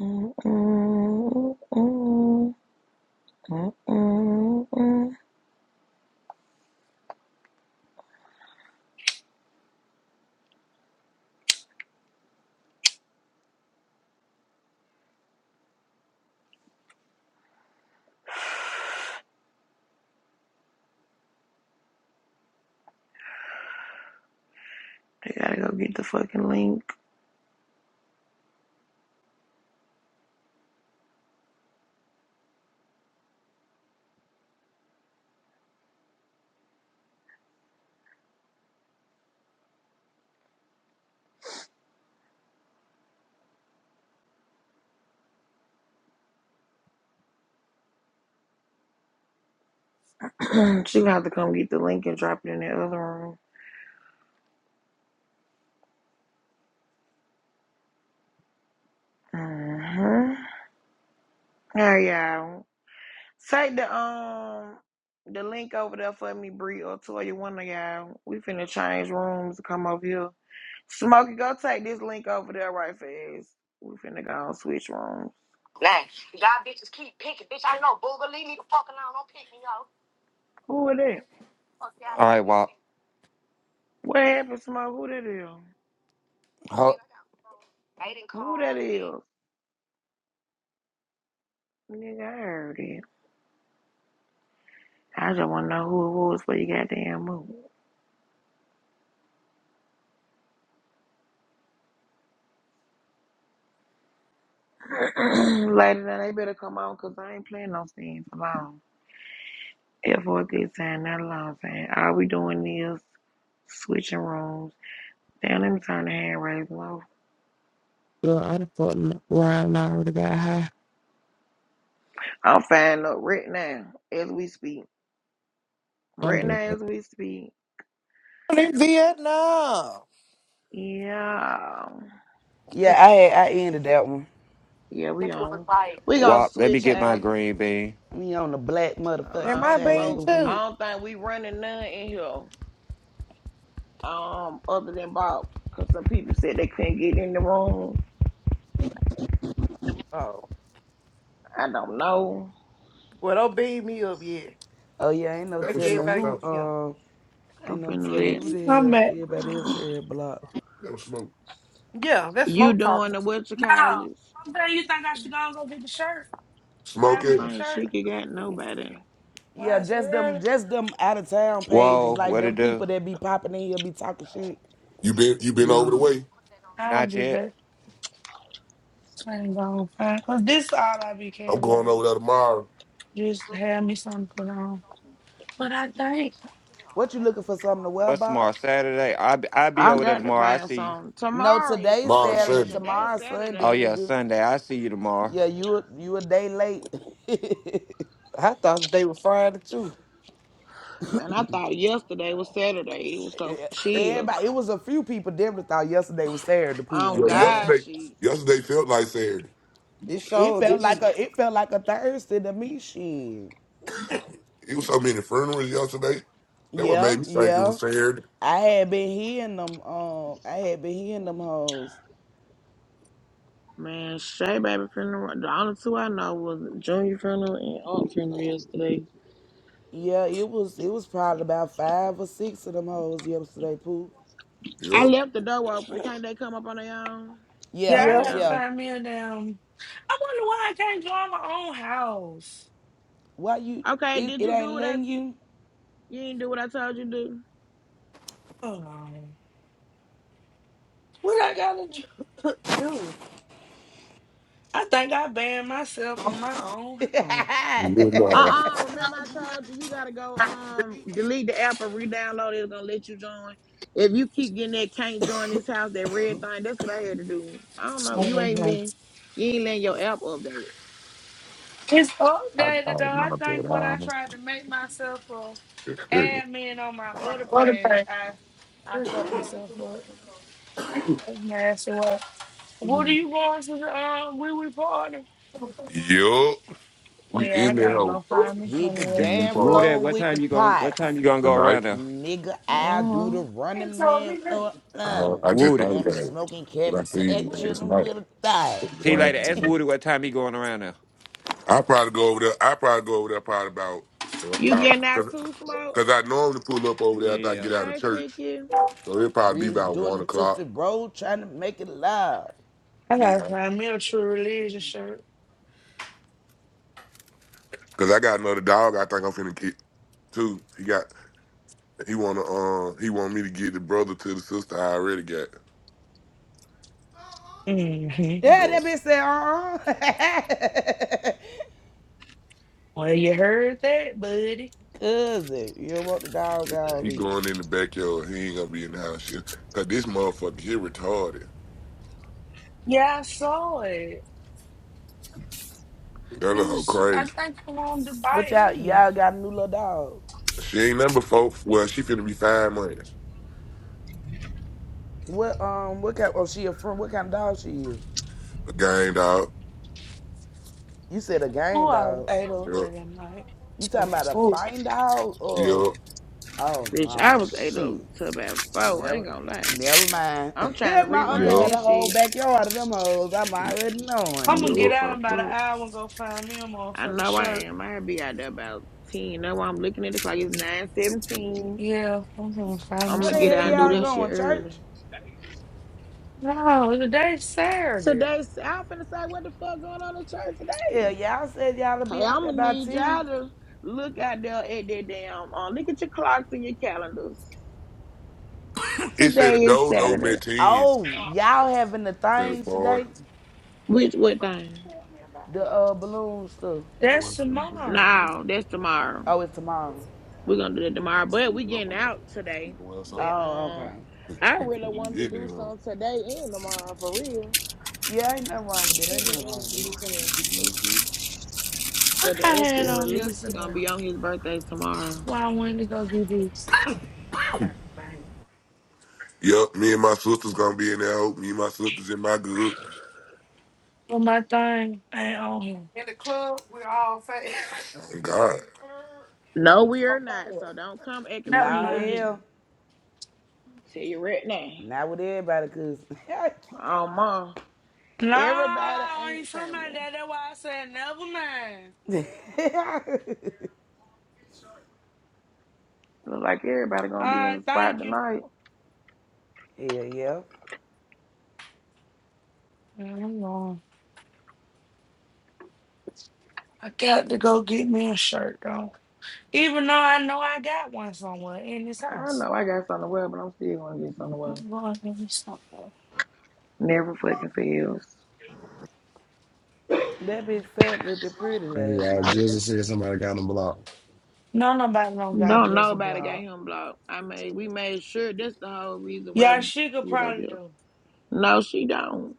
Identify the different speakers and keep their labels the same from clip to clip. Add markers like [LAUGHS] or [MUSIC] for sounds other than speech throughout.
Speaker 1: I gotta go get the fucking link. [CLEARS THROAT] she gonna have to come get the link and drop it in the other room. Mm-hmm. All right, y'all. Take the um the link over there for me, Bree or Toya. One of y'all. We finna change rooms. to Come over here. Smokey, go take this link over there right fast. We finna go and switch rooms. Who is it is?
Speaker 2: All right, Wop.
Speaker 1: What happened, Smoke? Who that is?
Speaker 2: Ho-
Speaker 1: Who that is? Nigga, I heard it. I just want to know who it was for your goddamn move. [CLEARS THROAT] Later than they better come on because I ain't playing no scenes alone. If for a good time, not a long time. All we doing is switching rooms. Damn, let me turn the hand raising off.
Speaker 3: Girl, I done fucked around and I heard about how
Speaker 1: I'm fine up right now as we speak.
Speaker 3: I'm
Speaker 1: Right now
Speaker 3: black.
Speaker 1: as we speak.
Speaker 4: in Vietnam.
Speaker 1: Yeah.
Speaker 5: Yeah, I had, I ended that one.
Speaker 1: Yeah, we on. We gonna
Speaker 2: Wop, let me
Speaker 1: switch
Speaker 2: get my
Speaker 1: houses.
Speaker 2: green bean.
Speaker 5: We on the black
Speaker 1: Hold
Speaker 4: Am
Speaker 5: motherfucking
Speaker 1: on,
Speaker 4: I being
Speaker 5: table
Speaker 1: smoke.
Speaker 5: with
Speaker 1: I
Speaker 4: too?
Speaker 5: it.
Speaker 1: don't think we running none in here. um, other than Bob, because some people said they couldn't get in the room.
Speaker 4: Oh,
Speaker 1: I don't know.
Speaker 4: well, don't beam me up yet.
Speaker 5: Oh yeah, ain't no
Speaker 4: That Make was smoke
Speaker 5: telling
Speaker 4: everybody
Speaker 5: who
Speaker 4: talking. get him.
Speaker 5: um
Speaker 1: I'm
Speaker 5: ain't no
Speaker 1: finna
Speaker 5: telling
Speaker 1: let
Speaker 5: who the
Speaker 6: I'm
Speaker 5: hell
Speaker 6: back.
Speaker 5: everybody else
Speaker 1: [SIGHS]
Speaker 5: had blocked.
Speaker 4: That was smoke. Yeah,
Speaker 1: [CLEARS THROAT]
Speaker 4: that's
Speaker 1: you
Speaker 4: smoke
Speaker 1: doing
Speaker 4: talking.
Speaker 1: the what you
Speaker 6: No.
Speaker 1: call it?
Speaker 6: I'm saying you think I should go and go get the shirt.
Speaker 1: I
Speaker 6: Find
Speaker 1: don't
Speaker 6: me a
Speaker 4: Smoking.
Speaker 1: think
Speaker 6: shirt.
Speaker 1: she could got nobody.
Speaker 5: Yeah,
Speaker 6: Why is it
Speaker 5: just them
Speaker 6: early?
Speaker 5: just them out of town pages,
Speaker 2: Whoa,
Speaker 5: like
Speaker 2: what
Speaker 5: them
Speaker 2: it do?
Speaker 5: people that be popping in here be talking shit.
Speaker 4: You been you been over the
Speaker 1: Yeah,
Speaker 4: way.
Speaker 6: I'll
Speaker 2: Not
Speaker 6: be
Speaker 2: yet.
Speaker 6: back. I ain't gonna find because this is all I be
Speaker 4: I'm
Speaker 6: caring
Speaker 4: going
Speaker 6: about.
Speaker 4: over there tomorrow.
Speaker 6: Just have me something to put on. But I think.
Speaker 5: What you looking for something to wear
Speaker 2: What's
Speaker 5: about?
Speaker 2: tomorrow? Saturday? I be, I be
Speaker 1: I
Speaker 2: over there
Speaker 1: got to
Speaker 2: tomorrow. I
Speaker 1: find
Speaker 2: see you.
Speaker 1: some.
Speaker 5: No,
Speaker 1: Tomorrow is
Speaker 5: today's
Speaker 4: Tomorrow
Speaker 1: Sunday.
Speaker 5: Saturday,
Speaker 4: Sunday.
Speaker 1: Today's
Speaker 5: tomorrow's Sunday,
Speaker 2: Oh
Speaker 1: Saturday.
Speaker 2: yeah,
Speaker 5: nigga.
Speaker 2: Sunday. I see you tomorrow.
Speaker 5: Yeah, you a- you a day late. [LAUGHS]
Speaker 4: I thought they were Friday too.
Speaker 1: Man, I thought yesterday was Saturday. It was so chill.
Speaker 5: Everybody, it was a few people. definitely thought yesterday was Saturday. The
Speaker 1: Oh
Speaker 5: on
Speaker 4: Yeah,
Speaker 5: God.
Speaker 1: God,
Speaker 4: yesterday
Speaker 1: she
Speaker 4: yesterday felt like Saturday. It
Speaker 5: It
Speaker 4: showed
Speaker 5: felt
Speaker 4: it.
Speaker 5: like
Speaker 4: It
Speaker 5: a it felt like a Thursday to me. Shit.
Speaker 4: was so many funerals yesterday. That what made
Speaker 5: Yeah,
Speaker 4: me think it
Speaker 5: yeah.
Speaker 4: was Saturday.
Speaker 5: I had been hearing them. Um, I had been hearing them hoes.
Speaker 1: man, Shay baby funeral. The only two I know was Junior funeral and Aunt funeral yesterday.
Speaker 5: Yeah, it was it was probably about five or six of them hoes yesterday, Pooh.
Speaker 4: Yep.
Speaker 1: I left the door open. Can't they come up on their own?
Speaker 6: Yeah,
Speaker 5: Yeah,
Speaker 6: I
Speaker 4: Yeah.
Speaker 6: gotta
Speaker 1: Yeah.
Speaker 5: yeah.
Speaker 6: find me a damn I wonder why I can't draw my own house.
Speaker 5: Why you?
Speaker 1: Okay,
Speaker 5: It,
Speaker 1: did
Speaker 5: it
Speaker 1: you
Speaker 5: ain't
Speaker 1: do what I
Speaker 5: letting you.
Speaker 1: you didn't do what I told you to do?
Speaker 6: Hold on. What I gotta do? [LAUGHS] do? I think I banned myself from my
Speaker 5: [LAUGHS] Hit
Speaker 6: own
Speaker 4: You know,
Speaker 1: Uh-uh. Remember I told you you gotta go um delete the app and re-download it. It's gonna let you join. If you keep getting that can't join this house, that red thing, that's what I had to do. I don't know. You ain't
Speaker 6: house.
Speaker 1: been you ain't letting your app update.
Speaker 6: It's
Speaker 4: I
Speaker 6: updated though.
Speaker 4: thought
Speaker 6: I
Speaker 4: about
Speaker 6: think when I
Speaker 4: that.
Speaker 6: tried to make myself a admin on my other page, I I fucked myself up. That's nasty. Well,
Speaker 4: um,
Speaker 6: what
Speaker 4: [LAUGHS]
Speaker 6: are you going to the uh, wee wee party?
Speaker 4: Yup. We
Speaker 6: Yeah, I
Speaker 4: in there
Speaker 6: gotta go
Speaker 4: hoe.
Speaker 6: find me
Speaker 5: the
Speaker 6: somewhere.
Speaker 4: We we
Speaker 5: damn
Speaker 4: part
Speaker 2: Woody,
Speaker 5: floor
Speaker 2: what
Speaker 5: with the
Speaker 2: time you going? What time
Speaker 5: pipes,
Speaker 2: you gonna go
Speaker 4: tonight.
Speaker 2: around there?
Speaker 5: nigga. I do
Speaker 1: Uh-huh.
Speaker 5: the running man. Uh, uh.
Speaker 4: Uh, I just
Speaker 2: Woody.
Speaker 4: thought
Speaker 5: Got
Speaker 4: about
Speaker 5: me
Speaker 4: it.
Speaker 5: smoking
Speaker 4: But I
Speaker 5: cabbage
Speaker 4: see you
Speaker 5: patch,
Speaker 4: last
Speaker 5: chilling
Speaker 4: night.
Speaker 5: with a thigh.
Speaker 2: T later.
Speaker 4: One,
Speaker 2: Ask
Speaker 4: two.
Speaker 2: Woody what time he going around there.
Speaker 4: I probably go over there. I probably go over there probably about
Speaker 1: You
Speaker 4: about
Speaker 1: getting out
Speaker 4: because
Speaker 1: too smoke?
Speaker 4: cause, cause I normally pull up over there after I
Speaker 2: Yeah.
Speaker 4: get out of
Speaker 1: Hey
Speaker 4: church.
Speaker 1: cookie.
Speaker 4: So it'll probably be
Speaker 5: Rich
Speaker 4: about
Speaker 5: doing
Speaker 4: one
Speaker 5: the Tootsie
Speaker 4: o'clock.
Speaker 5: Roll, trying to make it live.
Speaker 6: I
Speaker 4: Be
Speaker 6: gotta find me a true religion shirt.
Speaker 4: Cause I got another dog I think I'm finna get too. He got he wanna uh he want me to get the brother to the sister I already got.
Speaker 6: hmm
Speaker 4: He
Speaker 5: Yeah, that
Speaker 4: going.
Speaker 5: bitch said, uh uh
Speaker 6: Well, you heard that, buddy.
Speaker 5: [LAUGHS] Cousin, you don't want the dog out,
Speaker 4: He
Speaker 5: bitch.
Speaker 4: going in the backyard. He ain't gonna be in the house. She- Cause this motherfucker, he retarded.
Speaker 6: Yeah, I saw it.
Speaker 4: That
Speaker 6: It
Speaker 4: little hoe
Speaker 6: was, I
Speaker 4: crazy.
Speaker 6: think, I wanted to
Speaker 5: What
Speaker 6: bite
Speaker 5: y'all,
Speaker 6: me.
Speaker 5: y'all got a new little dog?
Speaker 4: She ain't number four. Well, she finna be five months.
Speaker 5: What, um, what kind, oh, she a friend, what kind of dog she is?
Speaker 4: A gang dog.
Speaker 5: You said a game
Speaker 6: Oh,
Speaker 5: dog.
Speaker 6: I ate up
Speaker 4: Yup,
Speaker 6: last night.
Speaker 5: You talking
Speaker 6: So,
Speaker 5: about a
Speaker 6: so
Speaker 5: fine dog or,
Speaker 4: yup,
Speaker 5: oh,
Speaker 1: Bitch, I
Speaker 5: oh,
Speaker 1: was ate up
Speaker 5: shit.
Speaker 1: to about four. I ain't
Speaker 5: Never,
Speaker 1: gonna lie.
Speaker 5: never mind.
Speaker 1: I'm trying to
Speaker 5: [LAUGHS] My uncle
Speaker 1: rerun
Speaker 5: had
Speaker 4: yup,
Speaker 1: that
Speaker 5: a whole
Speaker 1: shit.
Speaker 5: backyard of them hoes. I'm already knowing.
Speaker 6: I'm
Speaker 1: Cause we
Speaker 6: gonna get
Speaker 1: were
Speaker 4: yup.
Speaker 6: out in
Speaker 1: fucked
Speaker 6: about an
Speaker 1: up.
Speaker 6: hour and go find me a
Speaker 1: I
Speaker 6: motherfucking
Speaker 1: know I
Speaker 6: shirt.
Speaker 1: am. I'll be out there about 10. Now I'm looking at the clock. It's 9.17.
Speaker 6: Yeah, I'm gonna find me
Speaker 1: I'm
Speaker 5: Where the
Speaker 1: going to get
Speaker 6: something to
Speaker 5: hell
Speaker 1: out and
Speaker 6: put
Speaker 1: do
Speaker 5: y'all
Speaker 6: on.
Speaker 1: that shit
Speaker 5: going,
Speaker 1: early.
Speaker 5: church?
Speaker 6: No, today's Saturday.
Speaker 1: Today, I'm finna say what the fuck going on in church
Speaker 5: Yeah,
Speaker 1: today.
Speaker 5: y'all said y'all to be
Speaker 1: Hey,
Speaker 5: out
Speaker 1: I'm
Speaker 5: there
Speaker 1: going to
Speaker 5: by
Speaker 1: need y'all
Speaker 5: ten.
Speaker 1: to look out there at that damn, uh, look at your clocks and your calendars.
Speaker 4: It said
Speaker 1: Today
Speaker 4: that
Speaker 1: is
Speaker 4: those old
Speaker 1: Saturday.
Speaker 4: men teens
Speaker 5: Oh, y'all having the
Speaker 4: to the
Speaker 5: thing
Speaker 4: party.
Speaker 5: today?
Speaker 1: Which, what thing?
Speaker 5: The uh balloon stuff.
Speaker 4: That
Speaker 6: That's
Speaker 4: wasn't we going back
Speaker 6: tomorrow.
Speaker 4: there.
Speaker 1: No, that's tomorrow.
Speaker 5: Oh, it's tomorrow.
Speaker 1: We're going to do that tomorrow.
Speaker 4: I'm
Speaker 1: But we
Speaker 4: sleeping up
Speaker 1: getting
Speaker 4: on my.
Speaker 1: out
Speaker 4: You
Speaker 1: today.
Speaker 4: going outside?
Speaker 1: But
Speaker 5: Oh,
Speaker 1: um,
Speaker 5: okay.
Speaker 1: I
Speaker 4: You
Speaker 1: really wanted to
Speaker 4: get there,
Speaker 1: do
Speaker 4: though.
Speaker 1: something today and tomorrow for real.
Speaker 5: Yeah, ain't nothing wrong with it. Ain't nothing wrong with it.
Speaker 6: What
Speaker 1: But the
Speaker 6: I
Speaker 1: ex
Speaker 6: had
Speaker 1: will
Speaker 6: on
Speaker 1: release is gonna
Speaker 6: yesterday.
Speaker 1: be on his birthday tomorrow.
Speaker 6: Why I went to go get this.
Speaker 4: [LAUGHS] Yup, me and my sister's gonna be in there. hoe. Me and my sister's in my good.
Speaker 6: But my thing ain't on here.
Speaker 4: In the club, we're all fast. God.
Speaker 1: No, we are not.
Speaker 4: [LAUGHS]
Speaker 1: So don't come acting
Speaker 6: Never
Speaker 1: friendly
Speaker 5: Nah,
Speaker 1: with
Speaker 6: mind.
Speaker 1: me.
Speaker 5: hell,
Speaker 1: Tell you right now.
Speaker 5: not with everybody, cause [LAUGHS] hell
Speaker 1: Oh ma.
Speaker 6: No,
Speaker 1: Everybody
Speaker 6: I ain't
Speaker 1: ain't
Speaker 6: talking
Speaker 1: family.
Speaker 6: about that. That's why I said never mind.
Speaker 1: Look like everybody
Speaker 6: All
Speaker 1: gonna be in
Speaker 6: right,
Speaker 1: the spot
Speaker 6: thank you.
Speaker 1: tonight.
Speaker 5: yeah.
Speaker 6: Yeah, I'm going. I got to go get me a shirt though. Even though I know I got one somewhere in this
Speaker 1: I
Speaker 6: house.
Speaker 1: know I got something to wear, but I'm still gonna get something to
Speaker 6: I'm
Speaker 1: wear.
Speaker 6: going to get me something.
Speaker 1: Never fucking fails.
Speaker 5: That bitch fat looked pretty last
Speaker 7: Yeah, I
Speaker 5: night.
Speaker 7: just said somebody got him blocked.
Speaker 6: No, nobody don't got
Speaker 1: Don't
Speaker 6: juice and
Speaker 1: nobody got
Speaker 6: blog.
Speaker 1: him blocked. I mean, we made sure that's the whole reason why
Speaker 6: Yeah,
Speaker 1: we
Speaker 6: she could
Speaker 1: pulled up
Speaker 6: probably
Speaker 1: here.
Speaker 6: do.
Speaker 1: No, she don't.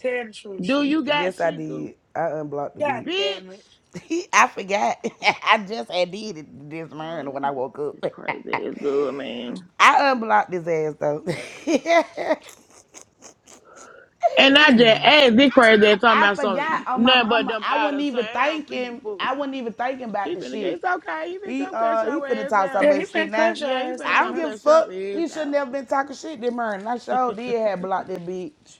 Speaker 6: Tell the truth,
Speaker 1: Do
Speaker 6: she.
Speaker 1: you got
Speaker 5: Yes, I
Speaker 1: Sheikah?
Speaker 5: did. I unblocked the
Speaker 6: God
Speaker 5: beach.
Speaker 6: damn it.
Speaker 1: Bitch.
Speaker 5: [LAUGHS] I forgot. [LAUGHS] I just had did it this
Speaker 1: Lord,
Speaker 5: morning
Speaker 1: let
Speaker 5: when I
Speaker 1: me
Speaker 5: woke
Speaker 1: this crazy
Speaker 5: up. [LAUGHS]
Speaker 1: it's good, man.
Speaker 5: I unblocked his ass though. [LAUGHS]
Speaker 1: And I just
Speaker 6: Damn.
Speaker 1: asked this crazy ass talking
Speaker 5: I
Speaker 1: about
Speaker 5: forgot
Speaker 1: some
Speaker 5: on my
Speaker 1: nothing but
Speaker 5: mama.
Speaker 1: them
Speaker 5: I
Speaker 1: out
Speaker 5: wasn't
Speaker 1: of
Speaker 5: even
Speaker 1: town
Speaker 5: thinking. I
Speaker 1: people.
Speaker 5: wasn't even thinking about
Speaker 1: He
Speaker 5: the
Speaker 1: finna get
Speaker 5: shit.
Speaker 1: it's okay. He finna
Speaker 5: He
Speaker 1: come cut
Speaker 5: uh he
Speaker 1: your
Speaker 5: finna
Speaker 1: ass
Speaker 5: talk so
Speaker 6: Yeah,
Speaker 1: out.
Speaker 6: he
Speaker 5: much shit
Speaker 6: been
Speaker 5: now.
Speaker 6: cuss your
Speaker 1: Yeah, he
Speaker 6: ass
Speaker 1: finna
Speaker 5: I
Speaker 6: out,
Speaker 5: don't
Speaker 1: come
Speaker 6: man.
Speaker 5: give a
Speaker 1: cut your
Speaker 5: fuck.
Speaker 1: ass
Speaker 5: He should not
Speaker 1: out.
Speaker 5: have been talking shit this morning. I sure did have blocked that bitch.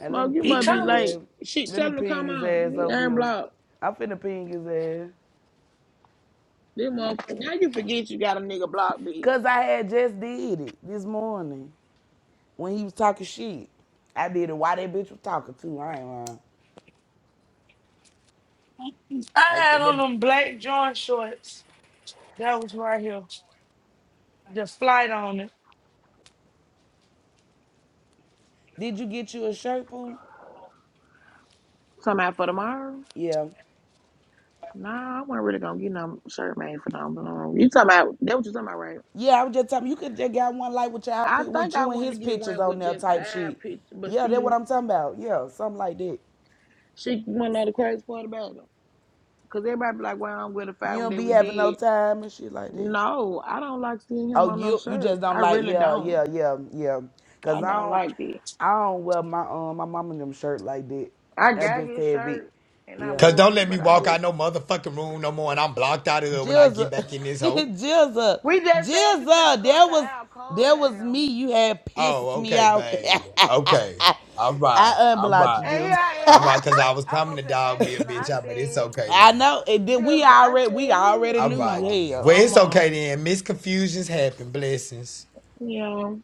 Speaker 5: Now let
Speaker 1: Smoke,
Speaker 5: me
Speaker 1: you
Speaker 6: He
Speaker 5: ping
Speaker 1: must be
Speaker 5: his
Speaker 6: coming.
Speaker 5: ass.
Speaker 1: late. Shit,
Speaker 5: Let me
Speaker 1: tell him to
Speaker 5: ping
Speaker 1: come
Speaker 5: his
Speaker 1: on.
Speaker 5: ass
Speaker 1: He
Speaker 5: over
Speaker 1: ain't
Speaker 5: here.
Speaker 1: blocked
Speaker 5: I'm finna ping his ass.
Speaker 1: This motherfucker. Now you forget you got a nigga blocked, B.
Speaker 5: Cause I had just did it this morning when he was talking shit. I did it while that bitch was talking too. I ain't lying. I
Speaker 6: I had
Speaker 5: said
Speaker 6: on
Speaker 5: that.
Speaker 6: them black joint shorts. That was right here. The flight on it.
Speaker 5: Did you get you a Sherpa?
Speaker 1: Talking about for tomorrow?
Speaker 5: Yeah.
Speaker 1: Nah, I wasn't really gonna get no shirt made for no blonde. You talking about that what you talking about, right?
Speaker 5: Yeah, I was just talking. You could just got one like with your
Speaker 1: I
Speaker 5: pic with
Speaker 1: think I
Speaker 5: you and
Speaker 1: want to
Speaker 5: his
Speaker 1: get
Speaker 5: pictures
Speaker 1: one
Speaker 5: on
Speaker 1: with
Speaker 5: there
Speaker 1: just
Speaker 5: type
Speaker 1: eye
Speaker 5: shit.
Speaker 1: picture, but
Speaker 5: Yeah, that's
Speaker 1: see.
Speaker 5: what I'm talking about. Yeah, something like that.
Speaker 1: She went out the crazy part about him. Cause everybody be like, "Well, I'm with the fight
Speaker 5: You
Speaker 1: one
Speaker 5: don't
Speaker 1: that
Speaker 5: be
Speaker 1: we
Speaker 5: having no
Speaker 1: did."
Speaker 5: time and shit like that.
Speaker 1: No, I don't like seeing
Speaker 5: Oh,
Speaker 1: him on no
Speaker 5: you you
Speaker 1: shirt.
Speaker 5: just don't
Speaker 1: I
Speaker 5: like
Speaker 1: really
Speaker 5: yeah
Speaker 1: don't.
Speaker 5: yeah yeah yeah. Cause
Speaker 1: I
Speaker 5: I
Speaker 1: don't
Speaker 5: don't
Speaker 1: like that.
Speaker 5: I don't wear my um my mom and them shirt like that.
Speaker 1: I
Speaker 5: I
Speaker 1: got
Speaker 5: just
Speaker 1: his
Speaker 5: have it.
Speaker 1: shirt and I
Speaker 8: Cause
Speaker 5: Yeah.
Speaker 1: wore
Speaker 8: don't
Speaker 1: it,
Speaker 8: let me
Speaker 1: but I
Speaker 8: walk out
Speaker 1: just
Speaker 8: no motherfucking room no more, and I'm blocked out of there when I get
Speaker 5: Jilza,
Speaker 8: back in this
Speaker 5: [LAUGHS]
Speaker 8: hole.
Speaker 5: Jilza,
Speaker 1: we just said you finna
Speaker 5: Jilza.
Speaker 1: cuss
Speaker 5: That
Speaker 1: her
Speaker 5: was
Speaker 1: out. Calm
Speaker 5: that was me.
Speaker 1: down.
Speaker 5: You had pissed
Speaker 8: Oh,
Speaker 5: me
Speaker 8: okay,
Speaker 5: out.
Speaker 8: babe. Okay, all
Speaker 5: [LAUGHS]
Speaker 8: right,
Speaker 5: I
Speaker 8: all
Speaker 5: unblocked you,
Speaker 8: right,
Speaker 1: And here
Speaker 5: Jilza.
Speaker 1: I
Speaker 5: [LAUGHS]
Speaker 8: all
Speaker 1: am. I'm
Speaker 8: right.
Speaker 1: up
Speaker 8: Cause
Speaker 1: here.
Speaker 8: I was
Speaker 1: I'm
Speaker 8: coming
Speaker 1: up
Speaker 8: to
Speaker 1: here
Speaker 8: dog me a
Speaker 1: acting. I
Speaker 8: bitch out, but it's
Speaker 1: said,
Speaker 8: okay
Speaker 5: I
Speaker 8: then.
Speaker 5: know. And then we
Speaker 1: "Jizzle," I
Speaker 5: already we
Speaker 1: said, "Who you
Speaker 5: already
Speaker 8: All
Speaker 1: had
Speaker 5: knew.
Speaker 8: right
Speaker 1: blocked?"
Speaker 8: then.
Speaker 5: Hell,
Speaker 8: Well,
Speaker 1: I'm
Speaker 8: it's okay
Speaker 1: on.
Speaker 8: then. Misconfusions happen. Blessings.
Speaker 1: Yeah,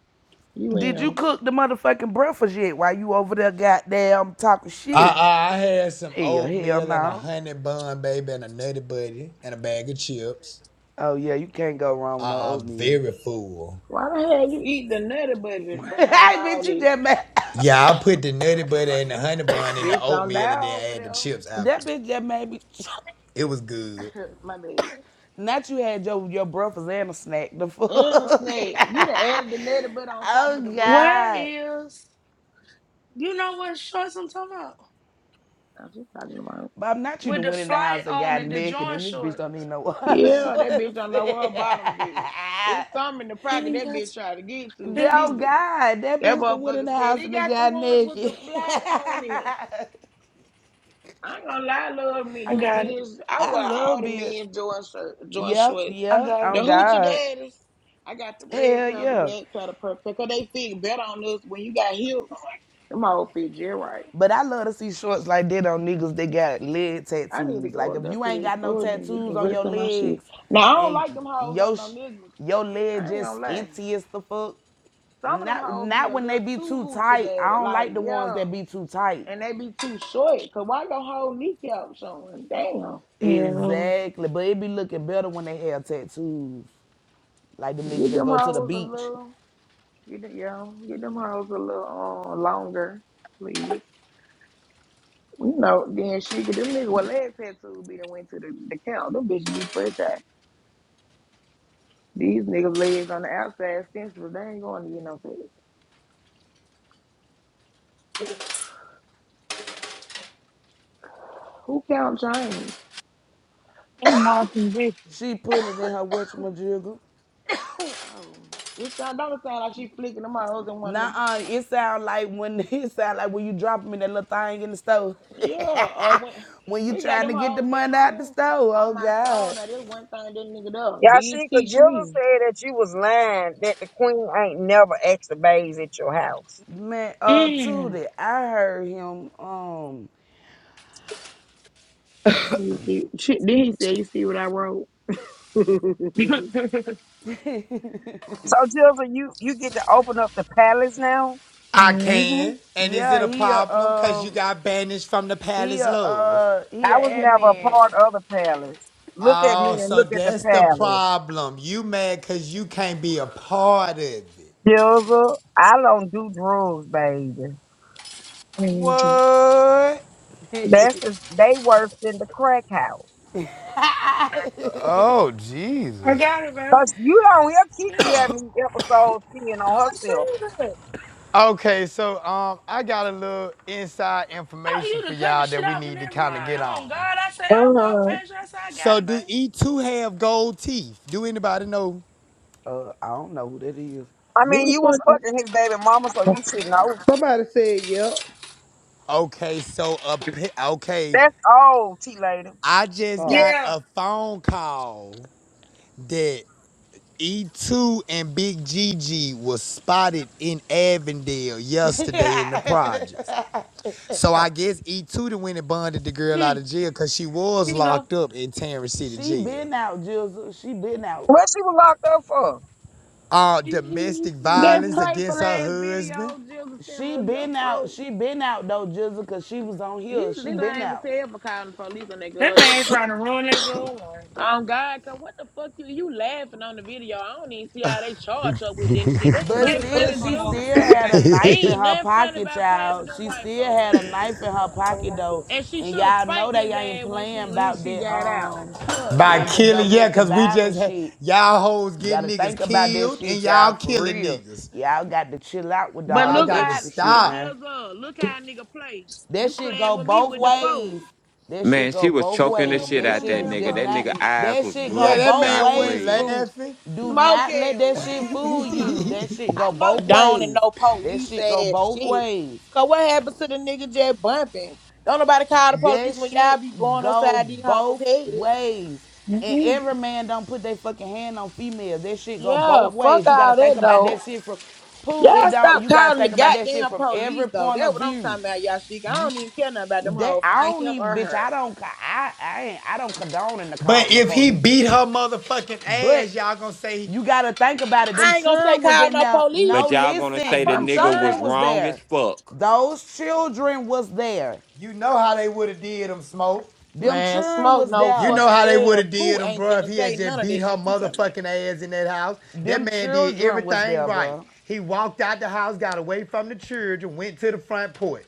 Speaker 1: you and
Speaker 5: did you
Speaker 1: him.
Speaker 5: cook the motherfucking breakfast yet? While you over there, goddamn talking
Speaker 8: I
Speaker 5: shit.
Speaker 8: I I had some
Speaker 5: Hell, hell
Speaker 8: oatmeal and a
Speaker 5: no.
Speaker 8: honey bun, baby, and a nutty buddy and a bag of chips.
Speaker 5: Oh yeah, you can't go wrong with no
Speaker 8: I, I'm
Speaker 5: oatmeal.
Speaker 8: very full.
Speaker 1: Why the hell you eat the nutty budget
Speaker 5: [LAUGHS] hey,
Speaker 1: behind
Speaker 5: bitch,
Speaker 1: all
Speaker 5: you
Speaker 1: this?
Speaker 5: just made [LAUGHS] [COUGHS]
Speaker 8: Yeah, I put the nutty buddy and the honey bun in the
Speaker 1: Bitch, don't
Speaker 8: oatmeal
Speaker 1: die
Speaker 8: and then
Speaker 1: over
Speaker 8: add the
Speaker 1: there.
Speaker 8: chips
Speaker 5: that
Speaker 8: after.
Speaker 5: bitch just made me. [LAUGHS]
Speaker 8: It was good.
Speaker 1: [LAUGHS] My bad.
Speaker 5: Not you had your your breakfast and a snack. The fuck.
Speaker 1: And a snake. You done
Speaker 5: [LAUGHS]
Speaker 1: added the netty butt on top of the
Speaker 5: oh
Speaker 1: bread.
Speaker 6: Where
Speaker 5: God.
Speaker 6: is, you know what shorts I'm talking about?
Speaker 1: That's what I'm talking about.
Speaker 5: Bob, not you
Speaker 6: With
Speaker 5: done
Speaker 6: the
Speaker 5: went in the
Speaker 6: flight
Speaker 5: house and
Speaker 6: on
Speaker 5: got
Speaker 6: it, the
Speaker 5: naked,
Speaker 6: joint
Speaker 5: and this bitch don't need
Speaker 6: shorts.
Speaker 5: no [LAUGHS] shorts.
Speaker 6: Yeah.
Speaker 1: Yeah, that
Speaker 5: oh
Speaker 1: bitch don't know where her bottoms is. It's something in the
Speaker 6: He
Speaker 1: pocket
Speaker 6: ain't
Speaker 1: that
Speaker 6: got,
Speaker 1: bitch tried to get to.
Speaker 6: yeah.
Speaker 1: She
Speaker 5: God, that
Speaker 1: that
Speaker 5: bitch done went in
Speaker 1: motherfucker
Speaker 5: the
Speaker 1: said
Speaker 5: house
Speaker 1: he
Speaker 5: and they
Speaker 1: got the
Speaker 5: got
Speaker 1: ones with the
Speaker 5: naked. [LAUGHS]
Speaker 1: flight on it. I ain't gonna lie, love me.
Speaker 6: I
Speaker 1: The
Speaker 6: got it.
Speaker 1: bitch, I
Speaker 5: I
Speaker 1: wear all
Speaker 5: love
Speaker 1: the
Speaker 5: being.
Speaker 1: men joint shirt, joint
Speaker 5: Yep,
Speaker 1: shorts.
Speaker 6: I
Speaker 5: yeah, yeah.
Speaker 6: got
Speaker 1: The
Speaker 5: On
Speaker 6: it.
Speaker 1: hoochie
Speaker 5: God.
Speaker 1: daddies. I got the red
Speaker 5: Hell
Speaker 1: pair, the
Speaker 5: yeah.
Speaker 1: black pair, the purple. pair, Cause they fit better on us when you got hips. Them all fit just right.
Speaker 5: But I love to see shorts like that on niggas that got leg
Speaker 1: I need to
Speaker 5: tattoos. Like
Speaker 1: go up
Speaker 5: if
Speaker 1: there
Speaker 5: you
Speaker 1: to
Speaker 5: ain't
Speaker 1: the
Speaker 5: got no
Speaker 1: storage and get
Speaker 5: tattoos
Speaker 1: the
Speaker 5: on your
Speaker 1: rest of my shit.
Speaker 5: legs
Speaker 1: Now I don't like
Speaker 5: and
Speaker 1: them hoes on
Speaker 5: your
Speaker 1: no
Speaker 5: sh-
Speaker 1: niggas.
Speaker 5: your
Speaker 1: I
Speaker 5: leg
Speaker 1: ain't gonna
Speaker 5: just
Speaker 1: lie.
Speaker 5: skinty as the fuck.
Speaker 1: Some of them
Speaker 5: Not
Speaker 1: hoes be
Speaker 5: not
Speaker 1: a
Speaker 5: when they
Speaker 1: little
Speaker 5: be
Speaker 1: too
Speaker 5: too
Speaker 1: hoochie
Speaker 5: tight. I
Speaker 1: daddy.
Speaker 5: don't
Speaker 1: Like,
Speaker 5: like the ones
Speaker 1: yeah.
Speaker 5: that be too tight.
Speaker 1: And they be too short. Cause why the whole kneecap showing? Damn.
Speaker 6: Yeah.
Speaker 5: Exactly. But it be looking better when they have tattoos. Like them niggas
Speaker 1: Get
Speaker 5: that
Speaker 1: them
Speaker 5: go to the
Speaker 1: hoes a
Speaker 5: beach.
Speaker 1: little get them yeah, get them hoes a little uh, longer, please. You know, then she get them niggas with leg tattoos be done went to the, the count. Them bitches be fresh out. These niggas legs on the outside sensitive. They ain't going to get no sex. Who count James?
Speaker 6: I'm watching Vicky.
Speaker 5: She putting it in her whatchamajiggle.
Speaker 1: Oh, oh. It sound don't sound like she flicking them hoes and one of
Speaker 5: Nah,
Speaker 1: them.
Speaker 5: uh, it sound like when [LAUGHS] it sound like when you drop me that little thing in the store.
Speaker 1: Yeah, uh, when
Speaker 5: [LAUGHS] when you
Speaker 1: we got
Speaker 5: trying to
Speaker 1: them
Speaker 5: get the
Speaker 1: hoes at
Speaker 5: money out the
Speaker 1: home
Speaker 5: store, oh
Speaker 1: on my soul.
Speaker 5: God.
Speaker 1: Now this one thing this nigga done did
Speaker 9: Yashika,
Speaker 1: teach
Speaker 9: Jizzle
Speaker 1: me.
Speaker 9: said that you was lying, that the queen ain't never asked the babes at your house.
Speaker 5: Man, uh
Speaker 6: Mm.
Speaker 5: Tootie, I heard him um
Speaker 1: You see, she, then he said, "You see what I wrote." [LAUGHS] Who
Speaker 6: [LAUGHS]
Speaker 5: [LAUGHS]
Speaker 9: So Jizzle, you, you get to open up the palace now?
Speaker 8: I
Speaker 6: Mm-hmm.
Speaker 8: can. And is
Speaker 5: yeah,
Speaker 8: it a
Speaker 5: he a
Speaker 8: problem? Cause you
Speaker 5: um
Speaker 8: got banished from the
Speaker 5: he a
Speaker 8: palace love.
Speaker 5: uh he
Speaker 9: I was
Speaker 5: a
Speaker 9: never a
Speaker 5: admin.
Speaker 9: part of the palace. Look at me
Speaker 8: Oh,
Speaker 9: and
Speaker 8: so
Speaker 9: look at the
Speaker 8: that's the
Speaker 9: palace.
Speaker 8: problem. You mad cause you can't be a part of it.
Speaker 9: Jizzle, I don't do drugs, baby.
Speaker 6: Crazy.
Speaker 8: What?
Speaker 5: [LAUGHS]
Speaker 9: That's the, they worse than the crack house.
Speaker 8: Oh,
Speaker 6: I
Speaker 8: Jesus.
Speaker 6: got it, baby.
Speaker 9: Cause you don't hear Kiki
Speaker 6: Yeah.
Speaker 9: having these episodes peeing on
Speaker 6: I seen
Speaker 9: herself.
Speaker 6: it.
Speaker 8: Okay, so um, I got a little inside
Speaker 6: Oh,
Speaker 8: information
Speaker 6: you
Speaker 8: for
Speaker 6: done cut the
Speaker 8: y'all that
Speaker 6: shit
Speaker 8: we
Speaker 6: off and
Speaker 8: need to
Speaker 6: everything.
Speaker 8: kind of get
Speaker 6: Oh,
Speaker 8: on.
Speaker 6: God. I said, I walked
Speaker 9: hmm
Speaker 6: past you. I said, I got
Speaker 8: So
Speaker 6: it,
Speaker 8: do
Speaker 6: baby.
Speaker 8: E2 have gold teeth? Do anybody know?
Speaker 5: uh I don't know who that is.
Speaker 9: I mean,
Speaker 1: the
Speaker 9: you was
Speaker 1: fuck is
Speaker 9: fucking his baby mama, so you should know.
Speaker 8: Okay, so a pe- okay.
Speaker 9: That's old, T lady.
Speaker 8: I just got
Speaker 6: Yeah.
Speaker 8: a phone call that E2 and Big Gigi was spotted in Avondale
Speaker 5: [LAUGHS]
Speaker 8: yesterday in the projects. So I guess E2 the went and bonded the girl out
Speaker 6: Mm,
Speaker 8: of jail because she was
Speaker 6: here you go.
Speaker 8: locked up in Tarrant City
Speaker 5: she
Speaker 8: Jail.
Speaker 5: been out, Jizzle. She been out.
Speaker 9: What she was locked up for?
Speaker 8: Uh, domestic
Speaker 1: that
Speaker 8: violence against
Speaker 1: playful
Speaker 8: her
Speaker 1: ass
Speaker 8: husband
Speaker 1: video? Jill sent
Speaker 5: She
Speaker 1: us
Speaker 5: been
Speaker 1: them
Speaker 5: out.
Speaker 1: folks.
Speaker 5: She been out though, Jizzle, 'cause she was on
Speaker 1: He
Speaker 5: here. She
Speaker 1: little
Speaker 5: been
Speaker 1: ain't even
Speaker 5: out.
Speaker 1: tell for calling the police on that
Speaker 6: That
Speaker 1: girl. That
Speaker 6: man trying
Speaker 1: thing.
Speaker 6: to ruin that good life.
Speaker 1: Oh God, cause what the fuck you you laughing on the video? I don't even see how they charge up with this shit. This shit
Speaker 5: But
Speaker 6: His
Speaker 1: ain't
Speaker 5: still,
Speaker 6: ugly
Speaker 1: funny,
Speaker 5: she
Speaker 1: Jizzle.
Speaker 5: still
Speaker 6: motherfucking
Speaker 5: had a
Speaker 6: ass.
Speaker 5: knife in
Speaker 1: Ain't
Speaker 5: her
Speaker 1: nothing funny
Speaker 5: pocket,
Speaker 1: about playing with
Speaker 5: child.
Speaker 1: them
Speaker 5: She
Speaker 1: white
Speaker 5: still
Speaker 1: folk,
Speaker 5: had a
Speaker 1: man.
Speaker 5: knife in her pocket though,
Speaker 1: And she
Speaker 5: and
Speaker 1: should have
Speaker 5: y'all know
Speaker 1: spiked
Speaker 5: they
Speaker 1: his
Speaker 5: ain't
Speaker 1: ass when
Speaker 5: playing
Speaker 1: she when
Speaker 5: about
Speaker 1: she
Speaker 5: that
Speaker 1: got out.
Speaker 5: um,
Speaker 1: Fuck
Speaker 8: by
Speaker 1: that.
Speaker 5: about that
Speaker 8: killing, yeah,
Speaker 5: domestic
Speaker 8: because we
Speaker 5: violence
Speaker 8: just had
Speaker 5: shit.
Speaker 8: y'all hoes getting
Speaker 5: Gotta
Speaker 8: niggas
Speaker 5: think about that
Speaker 8: killed
Speaker 5: shit,
Speaker 8: and y'all
Speaker 5: child, for
Speaker 8: killing
Speaker 5: real.
Speaker 8: niggas.
Speaker 5: Y'all got to chill out with
Speaker 1: But
Speaker 5: all
Speaker 8: Y'all
Speaker 5: the
Speaker 1: look
Speaker 8: got to
Speaker 1: how
Speaker 5: extra shit
Speaker 1: but
Speaker 8: stop.
Speaker 5: now.
Speaker 1: Jizzle, look how a nigga play.
Speaker 5: That
Speaker 1: You
Speaker 5: shit
Speaker 1: playing
Speaker 5: go
Speaker 1: with me
Speaker 5: both
Speaker 1: with the foes.
Speaker 5: ways. That shit
Speaker 2: Man,
Speaker 5: go
Speaker 2: she was
Speaker 5: both
Speaker 1: You
Speaker 2: choking the
Speaker 1: playing
Speaker 5: ways.
Speaker 1: with me
Speaker 2: shit
Speaker 1: with
Speaker 5: That
Speaker 2: out
Speaker 1: them
Speaker 5: shit
Speaker 2: that
Speaker 5: is
Speaker 1: damn
Speaker 2: nigga.
Speaker 5: just
Speaker 2: That
Speaker 5: not.
Speaker 2: nigga
Speaker 1: police.
Speaker 2: eyes
Speaker 5: That
Speaker 2: was
Speaker 5: shit go
Speaker 8: Yeah, that
Speaker 5: both
Speaker 2: bloodshot
Speaker 8: man went
Speaker 5: ways,
Speaker 2: red.
Speaker 5: Pooh.
Speaker 8: laughing.
Speaker 5: Do not let
Speaker 1: Smoking.
Speaker 5: that
Speaker 1: What
Speaker 5: shit
Speaker 1: happened?
Speaker 5: fool
Speaker 1: Hold
Speaker 5: you.
Speaker 1: on.
Speaker 5: That
Speaker 8: [LAUGHS]
Speaker 5: shit
Speaker 1: I
Speaker 5: go both
Speaker 1: know Dawn and
Speaker 5: ways.
Speaker 1: no
Speaker 5: That
Speaker 1: police
Speaker 5: shit go
Speaker 1: ass
Speaker 5: both
Speaker 1: shit.
Speaker 5: ways.
Speaker 1: Cause what happened to the nigga just bumping? Don't nobody call the
Speaker 5: That
Speaker 1: police when y'all
Speaker 5: shit
Speaker 1: be going
Speaker 5: go
Speaker 1: outside these hoes'
Speaker 5: both
Speaker 1: heads.
Speaker 5: ways. And
Speaker 6: Mm-mm.
Speaker 5: every man don't put their fucking hand on females. That shit go both
Speaker 1: Yeah, fuck
Speaker 5: ways. You gotta
Speaker 1: all
Speaker 5: think
Speaker 1: that
Speaker 5: about
Speaker 1: though.
Speaker 5: that shit from Pooh. It
Speaker 1: Y'all
Speaker 5: don't.
Speaker 1: stop
Speaker 5: You gotta
Speaker 1: calling the
Speaker 5: think about that shit
Speaker 1: goddamn
Speaker 5: from
Speaker 1: police
Speaker 5: every
Speaker 1: though.
Speaker 5: point
Speaker 1: That's
Speaker 5: of
Speaker 1: what I'm talking
Speaker 5: view.
Speaker 1: about, y'all shit. I
Speaker 5: You.
Speaker 1: don't even care nothing about them
Speaker 5: They,
Speaker 1: hoes.
Speaker 5: I
Speaker 1: Find
Speaker 5: don't
Speaker 1: him
Speaker 5: even,
Speaker 1: or
Speaker 5: bitch. I
Speaker 1: her.
Speaker 5: don't, I, I ain't, I don't condone in the
Speaker 8: But
Speaker 5: calling the
Speaker 8: if he
Speaker 5: police.
Speaker 8: beat her motherfucking
Speaker 5: But
Speaker 8: ass, y'all gonna say,
Speaker 5: you gotta think about it. Them
Speaker 1: I ain't gonna say
Speaker 5: children was
Speaker 1: call
Speaker 5: in
Speaker 1: no
Speaker 5: there. No,
Speaker 2: But
Speaker 1: police.
Speaker 2: y'all gonna
Speaker 1: I
Speaker 2: say
Speaker 5: listen.
Speaker 2: the
Speaker 5: Them
Speaker 1: promise you
Speaker 2: nigga
Speaker 1: I'm
Speaker 5: children
Speaker 1: not.
Speaker 2: was
Speaker 5: was
Speaker 2: wrong as
Speaker 5: there.
Speaker 2: fuck.
Speaker 5: Those children was there.
Speaker 8: you know how they would have did him, Smoke.
Speaker 5: Them
Speaker 1: Man,
Speaker 5: children
Speaker 1: smoke
Speaker 5: was
Speaker 1: no
Speaker 8: You
Speaker 5: there.
Speaker 8: know
Speaker 1: fucking
Speaker 8: how they would
Speaker 1: well.
Speaker 8: have
Speaker 1: Pooh
Speaker 8: did him,
Speaker 1: ain't
Speaker 8: bro, if
Speaker 1: finna
Speaker 8: he had
Speaker 1: say
Speaker 8: just
Speaker 1: none of
Speaker 8: beat
Speaker 1: that
Speaker 8: her
Speaker 1: shit you talking about.
Speaker 8: motherfucking ass in that house. That
Speaker 5: Them
Speaker 8: man did
Speaker 5: children was
Speaker 8: everything
Speaker 5: there,
Speaker 8: right.
Speaker 5: bruh.
Speaker 8: He walked out the house, got away from the children, went to the front porch.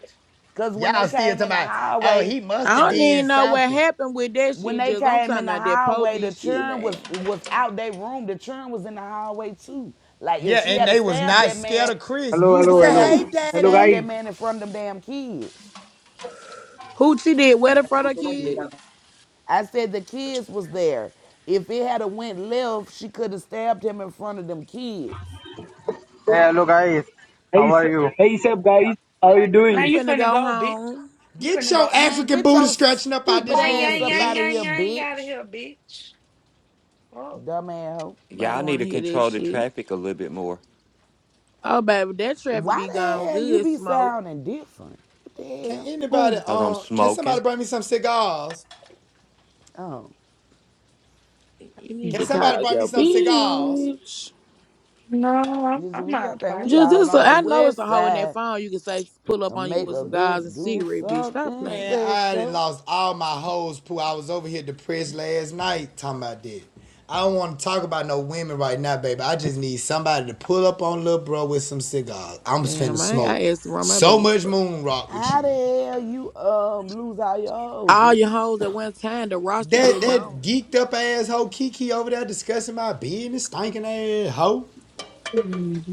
Speaker 5: Cause when they
Speaker 8: Y'all still
Speaker 5: came
Speaker 8: talking
Speaker 5: in the
Speaker 8: about, oh,
Speaker 5: highway.
Speaker 8: he must
Speaker 1: I
Speaker 8: have
Speaker 1: don't even
Speaker 8: did
Speaker 1: know what
Speaker 8: something.
Speaker 1: happened with that
Speaker 5: when
Speaker 1: shit.
Speaker 5: they
Speaker 1: Just I'm
Speaker 5: came in
Speaker 1: talking
Speaker 5: the
Speaker 1: about that
Speaker 5: hallway, the
Speaker 1: police shit,
Speaker 5: churn was
Speaker 1: man.
Speaker 5: was out their room. The churn was in the hallway too. Like if
Speaker 8: Yeah,
Speaker 5: she
Speaker 8: and
Speaker 5: had to
Speaker 8: they was
Speaker 5: stab
Speaker 8: not
Speaker 5: that
Speaker 8: scared
Speaker 5: man,
Speaker 8: of Chris.
Speaker 10: Hello,
Speaker 5: you
Speaker 8: They
Speaker 10: hello,
Speaker 5: would
Speaker 8: said,
Speaker 10: hello.
Speaker 5: have
Speaker 8: hey,
Speaker 10: Hello,
Speaker 5: stabbed
Speaker 8: daddy,
Speaker 5: that
Speaker 10: guys.
Speaker 5: man in front of them damn kids.
Speaker 1: Who she did wetter for the kid?
Speaker 5: I said the kids was there. If it had a went left, she could have stabbed him in front of them kids.
Speaker 10: Hey, hello guys, Hey, how are you? hey, Seb, guys. How are you doing?
Speaker 6: Now
Speaker 1: You
Speaker 6: you
Speaker 1: finna
Speaker 6: finna
Speaker 1: go
Speaker 6: go, bitch.
Speaker 1: home.
Speaker 6: You
Speaker 8: get
Speaker 6: finna go.
Speaker 8: your
Speaker 5: Man,
Speaker 8: African
Speaker 5: get
Speaker 8: booty
Speaker 5: your
Speaker 8: scratching up out
Speaker 5: stupid
Speaker 8: this
Speaker 6: Bang,
Speaker 5: ass
Speaker 8: room,
Speaker 6: yang,
Speaker 5: up
Speaker 6: yang,
Speaker 5: out of
Speaker 6: yang,
Speaker 5: here,
Speaker 8: bitch.
Speaker 6: yang, out of
Speaker 5: bitch.
Speaker 6: here, bitch. Oh,
Speaker 5: Dumb ass hoe.
Speaker 1: But I
Speaker 2: Y'all
Speaker 1: don't
Speaker 2: need
Speaker 1: want to
Speaker 2: to
Speaker 1: hear that
Speaker 2: control the
Speaker 1: shit.
Speaker 2: traffic a little bit more.
Speaker 1: Oh, baby, that traffic
Speaker 5: Why
Speaker 1: be
Speaker 5: the
Speaker 1: gone
Speaker 5: hell you
Speaker 1: good,
Speaker 5: be
Speaker 1: smoke.
Speaker 5: sounding different? What the
Speaker 8: Can
Speaker 5: hell?
Speaker 8: anybody
Speaker 6: oh,
Speaker 2: Cause I'm
Speaker 8: um can somebody
Speaker 2: smoking.
Speaker 8: bring me some cigars?
Speaker 5: Oh.
Speaker 1: You need
Speaker 6: no.
Speaker 8: Can
Speaker 1: to
Speaker 8: somebody
Speaker 1: call
Speaker 8: bring me
Speaker 1: your
Speaker 8: some cigars?
Speaker 1: bitch.
Speaker 6: No, I'm,
Speaker 5: Just
Speaker 6: I'm
Speaker 5: we,
Speaker 6: out
Speaker 5: I
Speaker 6: of
Speaker 5: think we
Speaker 1: Just
Speaker 5: out
Speaker 1: this,
Speaker 5: on the
Speaker 1: I know it's a
Speaker 5: west
Speaker 1: hole in that
Speaker 5: side.
Speaker 1: phone. You can say pull up
Speaker 5: And
Speaker 1: on you
Speaker 5: make
Speaker 1: with
Speaker 5: a
Speaker 1: some guys and
Speaker 5: bit do
Speaker 1: cigarette, bitch. Stop
Speaker 5: something
Speaker 8: Man,
Speaker 1: playing.
Speaker 8: I done
Speaker 5: special.
Speaker 8: lost all my hoes poo. I was over here depressed last night talking about this. I don't want to talk about no women right now, baby. I just need somebody to pull up on little bro with some cigars. I'm finna
Speaker 1: Damn, I
Speaker 8: smoke
Speaker 1: I asked to run my
Speaker 8: so
Speaker 1: bed,
Speaker 8: much
Speaker 1: bro.
Speaker 8: moon rock with
Speaker 5: How the
Speaker 8: you.
Speaker 5: hell you um lose all your hoes?
Speaker 1: All
Speaker 5: Just
Speaker 1: your hoes at one time, the roster
Speaker 8: That
Speaker 1: just
Speaker 8: that
Speaker 1: gone.
Speaker 8: geeked up asshole Kiki over there discussing my business, stinking ass hoe.
Speaker 6: pocket.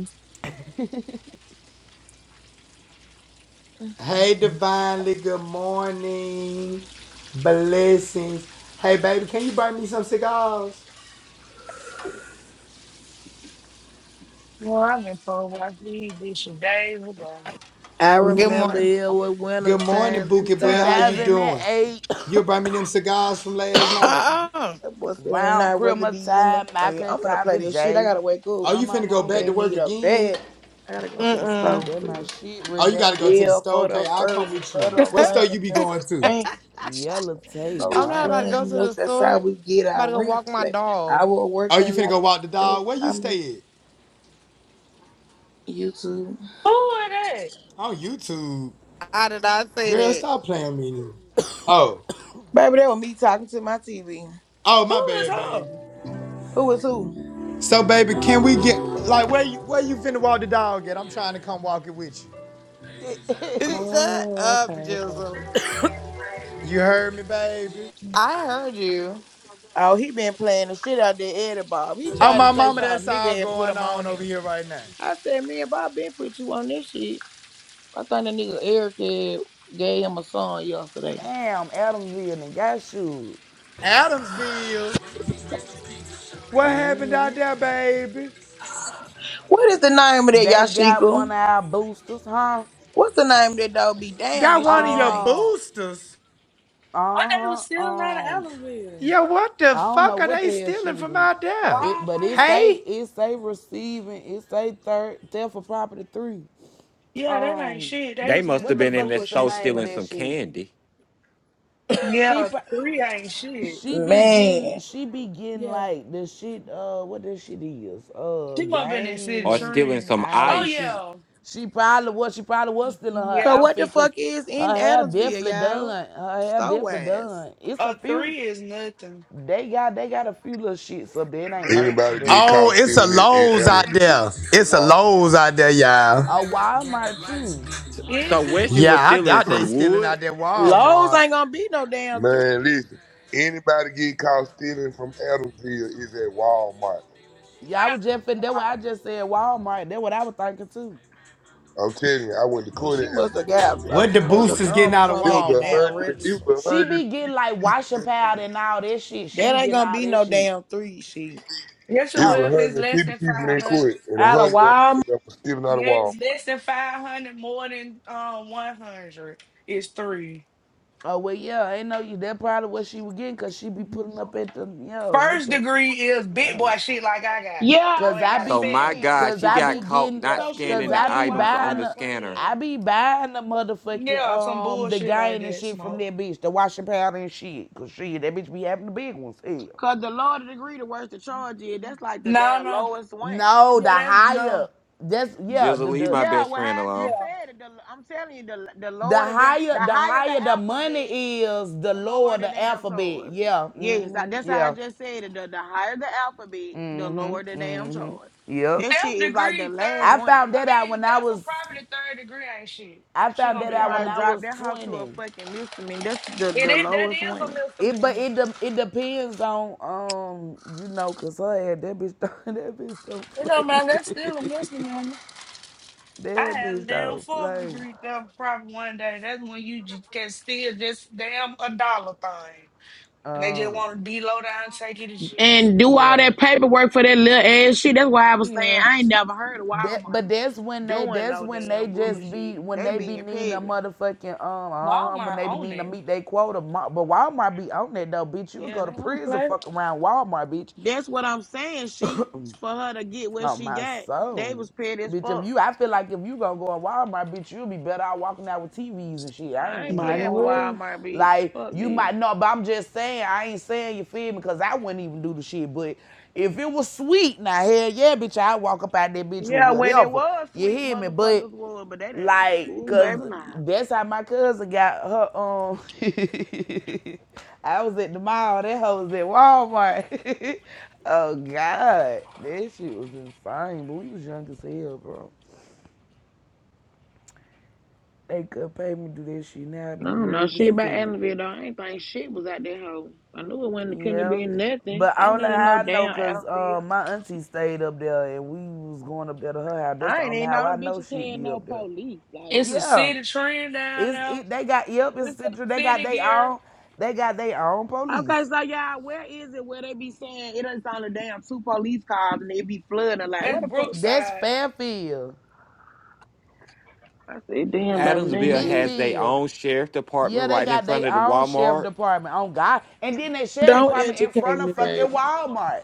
Speaker 8: Hey, divinely, good morning. Blessings. Hey, baby, can you bring me some cigars?
Speaker 6: Well, I've been told why she did days ago.
Speaker 1: I
Speaker 6: And
Speaker 11: Good
Speaker 6: then
Speaker 1: remember
Speaker 6: one.
Speaker 11: morning.
Speaker 1: it was winter
Speaker 8: Good morning,
Speaker 1: time,
Speaker 8: Bookie Boy.
Speaker 1: 2000.
Speaker 8: How you
Speaker 1: and-
Speaker 8: doing?
Speaker 5: 2008, [COUGHS]
Speaker 8: You bring me them cigars from last night.
Speaker 11: Uh-uh.
Speaker 1: that boy said, And
Speaker 5: round
Speaker 1: I'd rather
Speaker 5: Christmas
Speaker 1: be in the.
Speaker 5: time, I
Speaker 1: Hey, I'm
Speaker 5: couldn't
Speaker 1: finna
Speaker 5: cop
Speaker 1: play
Speaker 5: the
Speaker 1: this shit. I
Speaker 5: J.
Speaker 1: gotta wake
Speaker 8: Oh,
Speaker 1: up.
Speaker 8: you
Speaker 5: I'm my
Speaker 8: finna go
Speaker 1: Say
Speaker 8: back
Speaker 5: mama.
Speaker 1: they
Speaker 8: to work
Speaker 1: need a
Speaker 8: again?
Speaker 1: bed. I gotta go to the
Speaker 11: Mm-mm.
Speaker 1: store.
Speaker 5: That my
Speaker 1: too.
Speaker 5: shit
Speaker 8: Oh,
Speaker 5: right
Speaker 8: you
Speaker 5: there.
Speaker 8: gotta go to the
Speaker 1: Live
Speaker 8: store.
Speaker 1: for the
Speaker 8: Okay, I'll come
Speaker 1: first
Speaker 8: with
Speaker 1: of
Speaker 8: you.
Speaker 1: the
Speaker 8: What
Speaker 11: [LAUGHS]
Speaker 8: store
Speaker 1: month.
Speaker 8: you be
Speaker 1: That's a
Speaker 8: going to?
Speaker 1: bang.
Speaker 5: Yellow tape
Speaker 11: I'm
Speaker 1: No,
Speaker 11: not
Speaker 5: bob.
Speaker 11: about to go
Speaker 1: nothing
Speaker 11: to
Speaker 1: else.
Speaker 11: the
Speaker 1: That's
Speaker 11: store.
Speaker 1: how
Speaker 11: I'm
Speaker 1: we get
Speaker 11: about
Speaker 1: our
Speaker 11: to go
Speaker 1: rent.
Speaker 11: walk my
Speaker 1: Like I
Speaker 11: dog.
Speaker 1: was
Speaker 8: Oh, you
Speaker 1: working
Speaker 8: finna
Speaker 1: like
Speaker 8: go walk the
Speaker 1: a
Speaker 8: dog?
Speaker 1: slave.
Speaker 8: Where you
Speaker 1: I mean,
Speaker 8: stay at?
Speaker 1: YouTube.
Speaker 6: Who are that?
Speaker 8: On YouTube.
Speaker 11: I did not
Speaker 8: Girl,
Speaker 11: say
Speaker 8: stop playing me. Now. Oh,
Speaker 1: Baby, that was me talking to my TV.
Speaker 8: oh, my
Speaker 6: Who is
Speaker 8: bad, baby.
Speaker 6: her?
Speaker 1: Who was who?
Speaker 8: So, baby, can we get like where you where you finna walk the dog at? I'm trying to come walk it with you.
Speaker 5: [LAUGHS]
Speaker 11: that. [LAUGHS] Shut
Speaker 6: Oh,
Speaker 11: up,
Speaker 6: okay, okay.
Speaker 11: Jizzle.
Speaker 8: You heard me, baby.
Speaker 11: I heard you.
Speaker 1: Oh, he been playing the shit out there, Eddie Bob. He
Speaker 8: Oh,
Speaker 1: tried to
Speaker 8: my
Speaker 1: say
Speaker 8: mama, that's
Speaker 1: something,
Speaker 8: all
Speaker 1: nigga had put
Speaker 8: going
Speaker 1: him
Speaker 8: on
Speaker 1: on it.
Speaker 8: over here right now.
Speaker 1: I said, me and Bob been put you on this shit. I think the nigga Eric had gave him a song yesterday.
Speaker 5: Damn, Adamsville and got shoes.
Speaker 8: Adamsville, what happened
Speaker 5: hmm
Speaker 8: out there, baby?
Speaker 1: What is the name of that
Speaker 5: They got one
Speaker 1: Yashika?
Speaker 5: of our boosters, huh?
Speaker 1: What's the name of that dog? Be damn,
Speaker 8: Got
Speaker 1: that
Speaker 8: one
Speaker 1: shit
Speaker 8: of
Speaker 1: ain't
Speaker 8: your
Speaker 1: made.
Speaker 5: Um,
Speaker 8: boosters.
Speaker 6: But they was
Speaker 5: Uh huh.
Speaker 6: still out of
Speaker 5: Um,
Speaker 6: Ellenville.
Speaker 8: Yeah, what the
Speaker 5: I don't know
Speaker 8: fuck are
Speaker 5: what
Speaker 8: they
Speaker 5: the hell she
Speaker 8: stealing
Speaker 5: was
Speaker 8: from
Speaker 5: doing.
Speaker 8: out there?
Speaker 5: It, but it
Speaker 6: Walmart?
Speaker 5: say
Speaker 8: Hey?
Speaker 5: it say receiving. It say third theft for property three.
Speaker 6: Yeah, that ain't
Speaker 5: Um,
Speaker 6: shit. They
Speaker 2: They
Speaker 6: was in
Speaker 2: must
Speaker 6: a
Speaker 5: what
Speaker 2: have
Speaker 5: the
Speaker 6: little
Speaker 2: been in
Speaker 5: fuck
Speaker 2: the
Speaker 5: is the
Speaker 2: store
Speaker 6: bullshit
Speaker 5: name of
Speaker 6: stuff.
Speaker 2: stealing
Speaker 5: that
Speaker 2: some
Speaker 5: shit?
Speaker 2: candy
Speaker 5: She
Speaker 6: Yeah,
Speaker 5: pro-
Speaker 6: three ain't shit.
Speaker 5: she be getting
Speaker 1: Man.
Speaker 5: she be getting
Speaker 6: Yeah.
Speaker 5: like the shit. Uh, what this shit is? Uh,
Speaker 6: She must been in
Speaker 5: gain
Speaker 6: City
Speaker 2: or
Speaker 5: and
Speaker 2: stealing
Speaker 6: Trend.
Speaker 2: some
Speaker 5: all
Speaker 6: Oh,
Speaker 5: this
Speaker 2: ice.
Speaker 5: shit.
Speaker 6: yeah.
Speaker 5: She probably was she probably was still in her
Speaker 6: Yeah.
Speaker 1: Cause what the
Speaker 5: outfit because
Speaker 1: fuck is
Speaker 5: her
Speaker 1: in
Speaker 5: hair
Speaker 1: Adamsville,
Speaker 5: definitely
Speaker 1: y'all?
Speaker 5: done. Her hair definitely
Speaker 1: Stowaz.
Speaker 5: done. It's a
Speaker 6: A
Speaker 5: few.
Speaker 6: three is nothing.
Speaker 5: They got they got a few little shits up there. It ain't merch,
Speaker 12: Anybody
Speaker 5: but
Speaker 12: get
Speaker 8: Oh,
Speaker 12: caught
Speaker 8: it's a
Speaker 12: stealing it in
Speaker 8: Lowe's
Speaker 12: Adamsville
Speaker 8: out there.
Speaker 12: is at
Speaker 8: It's a
Speaker 12: Walmart.
Speaker 8: Lowe's out there, y'all.
Speaker 5: a Walmart too.
Speaker 2: S- So
Speaker 6: Is it?
Speaker 2: when she was
Speaker 8: Yeah, I
Speaker 2: stealing
Speaker 8: doubt they
Speaker 2: some
Speaker 8: stealing out
Speaker 2: wood,
Speaker 8: there
Speaker 1: Lowe's
Speaker 8: Walmart.
Speaker 1: ain't gonna be no damn three.
Speaker 12: Man, listen. Anybody get caught stealing from Adamsville is at Walmart.
Speaker 5: Yeah, I was just fin that what I just said Walmart. That what I was thinking too.
Speaker 12: I'm telling you, I went to
Speaker 1: Well,
Speaker 12: court at
Speaker 1: she must have got a
Speaker 8: What the
Speaker 1: pack
Speaker 12: Adamsville.
Speaker 1: of
Speaker 8: boosters getting
Speaker 1: gum or
Speaker 8: out of
Speaker 12: It
Speaker 1: something at
Speaker 12: was
Speaker 1: the
Speaker 12: a
Speaker 1: damn
Speaker 12: hundred.
Speaker 8: Walmart?
Speaker 12: It
Speaker 1: register.
Speaker 12: was
Speaker 5: She
Speaker 12: a
Speaker 5: be
Speaker 12: hundred
Speaker 5: getting
Speaker 12: people
Speaker 5: like
Speaker 12: in
Speaker 5: washing powder and all that shit. She
Speaker 1: That
Speaker 5: be
Speaker 1: ain't
Speaker 5: getting
Speaker 1: gonna
Speaker 5: all
Speaker 1: be
Speaker 5: that
Speaker 1: no
Speaker 5: shit.
Speaker 1: damn three shit.
Speaker 6: Yes,
Speaker 12: court.
Speaker 6: it
Speaker 12: It
Speaker 6: will
Speaker 12: was a
Speaker 5: Oh.
Speaker 6: if it's
Speaker 12: hundred and
Speaker 6: less
Speaker 12: fifty
Speaker 6: than
Speaker 12: people in
Speaker 6: 500.
Speaker 12: court, and a
Speaker 1: Out of
Speaker 12: hundred of
Speaker 1: Walmart.
Speaker 12: them that was stealing out of
Speaker 6: Yeah, it's
Speaker 12: Walmart.
Speaker 6: less than 500, more than um 100. It's three.
Speaker 5: Oh well yeah, ain't no you that probably what she was getting cause she be putting up at the yeah with
Speaker 6: First
Speaker 5: the
Speaker 6: degree is big
Speaker 5: yeah.
Speaker 6: boy shit like I got.
Speaker 1: Yeah,
Speaker 6: Yo
Speaker 1: I
Speaker 5: Cause
Speaker 6: ain't
Speaker 5: I
Speaker 6: got a
Speaker 1: know what
Speaker 2: so
Speaker 5: be,
Speaker 1: I'm
Speaker 2: my
Speaker 6: family.
Speaker 1: saying.
Speaker 2: God,
Speaker 5: cause
Speaker 2: she
Speaker 5: I
Speaker 1: Out
Speaker 2: got
Speaker 5: be
Speaker 1: of
Speaker 2: caught
Speaker 5: getting,
Speaker 2: not
Speaker 6: Yeah.
Speaker 1: so she
Speaker 5: cause
Speaker 2: scanning
Speaker 1: was
Speaker 2: the
Speaker 5: I
Speaker 1: in
Speaker 5: be
Speaker 2: items on
Speaker 5: buying
Speaker 2: the
Speaker 1: Walmart
Speaker 5: the,
Speaker 2: scanner.
Speaker 5: I
Speaker 1: playing.
Speaker 5: be buying the motherfucking
Speaker 6: Yeah, some
Speaker 5: um the
Speaker 6: bullshit like
Speaker 5: gain and
Speaker 6: that,
Speaker 5: shit from
Speaker 6: smoke.
Speaker 5: that bitch, the washing powder and shit. Cause shit, that bitch be having the big ones. Hell,
Speaker 1: Cause the lower the degree, the worse the charge is. That's like the
Speaker 6: No,
Speaker 1: damn
Speaker 6: no.
Speaker 1: lowest one.
Speaker 5: no, the
Speaker 6: Yeah, that's
Speaker 5: higher,
Speaker 6: no.
Speaker 5: that's yeah,
Speaker 2: Just
Speaker 5: the
Speaker 2: leave
Speaker 5: the.
Speaker 2: my
Speaker 1: Yeah,
Speaker 2: best
Speaker 1: well,
Speaker 2: friend
Speaker 1: how I
Speaker 2: alone.
Speaker 1: just
Speaker 6: Yeah.
Speaker 1: said it. The, I'm telling you, the the
Speaker 5: The
Speaker 1: lower the damn,
Speaker 5: higher,
Speaker 1: the
Speaker 5: the
Speaker 1: higher the
Speaker 5: higher the
Speaker 1: alphabet,
Speaker 5: money is, the
Speaker 1: the
Speaker 5: lower
Speaker 1: lower the
Speaker 5: the
Speaker 1: damn
Speaker 5: alphabet.
Speaker 1: charge.
Speaker 5: Yeah,
Speaker 1: Yes, I,
Speaker 5: mm-hmm.
Speaker 1: that's how I
Speaker 5: yeah,
Speaker 1: just said it. The, the higher the alphabet, the lower the damn charge.
Speaker 5: yep.
Speaker 1: This shit
Speaker 6: third
Speaker 1: is like the
Speaker 6: degree, third.
Speaker 1: last
Speaker 5: I
Speaker 1: one.
Speaker 5: found
Speaker 6: I
Speaker 5: that out
Speaker 6: mean,
Speaker 5: when I
Speaker 6: that's for
Speaker 5: was,
Speaker 6: property, third degree ain't shit.
Speaker 5: I
Speaker 6: She
Speaker 5: found
Speaker 6: gonna
Speaker 5: that
Speaker 1: They
Speaker 6: be
Speaker 5: out
Speaker 6: all
Speaker 5: when
Speaker 1: might
Speaker 5: I
Speaker 6: right.
Speaker 1: drop
Speaker 5: was
Speaker 1: that house to a
Speaker 5: twenty.
Speaker 1: fucking misdemeanor. That's the,
Speaker 6: It
Speaker 1: the
Speaker 6: is, that
Speaker 1: lowest
Speaker 6: is
Speaker 1: one.
Speaker 6: a
Speaker 5: It but
Speaker 6: misdemeanor.
Speaker 5: it de- it depends on um you know cause her ass, that bitch don't, [LAUGHS] that bitch don't
Speaker 6: You know,
Speaker 5: play
Speaker 6: man, that's still a
Speaker 5: [LAUGHS]
Speaker 6: misdemeanor. I
Speaker 5: that
Speaker 6: had a
Speaker 5: bitch
Speaker 6: damn
Speaker 5: don't
Speaker 6: fourth
Speaker 5: play
Speaker 6: degree theft problem one day. That's when you just can steal this damn a dollar thing. And they just want to
Speaker 5: um
Speaker 6: be low down and take you to jail.
Speaker 1: and do all
Speaker 5: yeah
Speaker 1: that paperwork for that little ass shit. That's why I was saying
Speaker 6: Yeah.
Speaker 1: I ain't never heard of
Speaker 5: that
Speaker 1: Walmart
Speaker 5: but that's when they
Speaker 1: doing
Speaker 5: that's
Speaker 1: no
Speaker 5: when they
Speaker 1: damn
Speaker 5: just be
Speaker 1: bullshit.
Speaker 5: when
Speaker 1: They
Speaker 5: they be
Speaker 1: being
Speaker 5: needing a
Speaker 1: petty.
Speaker 5: motherfucking um uh, when
Speaker 6: Walmart
Speaker 5: they be
Speaker 6: own
Speaker 5: needing to
Speaker 6: it.
Speaker 5: meet their quota Ma- but Walmart be on that though bitch you would
Speaker 6: Yeah,
Speaker 5: go
Speaker 6: they
Speaker 5: to
Speaker 6: don't
Speaker 5: prison
Speaker 6: play.
Speaker 5: fuck around Walmart bitch
Speaker 1: That's what I'm saying. She for her to get what
Speaker 5: Oh
Speaker 1: she
Speaker 5: my
Speaker 1: got, they
Speaker 5: soul.
Speaker 1: was petty as
Speaker 5: Bitch, if
Speaker 1: fuck.
Speaker 5: you I feel like if you gonna go to Walmart, bitch, you'll be better out walking out with TVs and shit. I ain't
Speaker 1: I ain't
Speaker 5: even just
Speaker 6: Might as
Speaker 1: playing
Speaker 5: gonna
Speaker 1: with
Speaker 5: hold you.
Speaker 6: well.
Speaker 1: Walmart, bitch.
Speaker 5: Like
Speaker 1: Fuck
Speaker 5: you
Speaker 1: me.
Speaker 5: might know, but I'm just saying, I ain't saying you feel me, cause I wouldn't even do the shit. But if it was sweet, now hell yeah, bitch, I'd walk up out that bitch with
Speaker 1: Yeah, when it
Speaker 5: whatever.
Speaker 1: was
Speaker 5: You
Speaker 1: sweet,
Speaker 5: hear me? But
Speaker 1: motherfuckers were, but they didn't.
Speaker 5: like,
Speaker 1: Ooh, baby,
Speaker 5: cause
Speaker 1: nah.
Speaker 5: that's how my cousin got her. Um, [LAUGHS] I was at the mall. That hoe was at Walmart. [LAUGHS] oh God, that shit was insane. But we was young as hell, bro. They could pay me to do that shit now. I'd
Speaker 1: I
Speaker 5: be
Speaker 1: don't know
Speaker 5: nervous
Speaker 1: shit
Speaker 5: as
Speaker 1: about
Speaker 5: hell.
Speaker 1: Adamville though. I ain't think shit was out there hoe. I knew it wasn't couldn't have
Speaker 5: Yeah,
Speaker 1: been nothing.
Speaker 5: but
Speaker 1: Ain't
Speaker 5: only
Speaker 1: nothing no
Speaker 5: how I know,
Speaker 1: damn
Speaker 5: cause
Speaker 1: Adamville.
Speaker 5: uh, my auntie stayed up there, and we was going up there to her house. That's
Speaker 1: I
Speaker 5: the
Speaker 1: ain't
Speaker 5: only
Speaker 1: even know
Speaker 5: how I
Speaker 1: them
Speaker 5: know
Speaker 1: bitches
Speaker 5: she'd
Speaker 1: had
Speaker 5: be
Speaker 1: no
Speaker 5: up there.
Speaker 1: police. Like,
Speaker 6: It's a
Speaker 5: Yeah.
Speaker 6: city trend down
Speaker 5: It's
Speaker 6: there.
Speaker 5: it. They got yep. It's
Speaker 6: It's a
Speaker 5: central. They got
Speaker 6: city
Speaker 5: they
Speaker 6: gear.
Speaker 5: own. They got their own
Speaker 1: okay,
Speaker 5: police.
Speaker 1: so y'all, where is it where they be saying it is on the damn two police cars and they be flooding? Like, where
Speaker 6: That's
Speaker 1: the fuck?
Speaker 5: That's
Speaker 6: Brookside.
Speaker 5: Fairfield,
Speaker 1: I said, damn, baby,
Speaker 2: Adamsville
Speaker 1: they
Speaker 2: has
Speaker 1: just
Speaker 2: their
Speaker 5: Midfield.
Speaker 2: own sheriff
Speaker 5: Yeah,
Speaker 2: department
Speaker 5: they
Speaker 2: right in
Speaker 5: got their
Speaker 2: front of the
Speaker 5: own sheriff
Speaker 2: Walmart.
Speaker 5: department. Oh God! And then they sheriff
Speaker 1: Don't
Speaker 5: department in
Speaker 1: educate
Speaker 5: front of
Speaker 1: me,
Speaker 5: fucking
Speaker 1: baby.
Speaker 5: Walmart.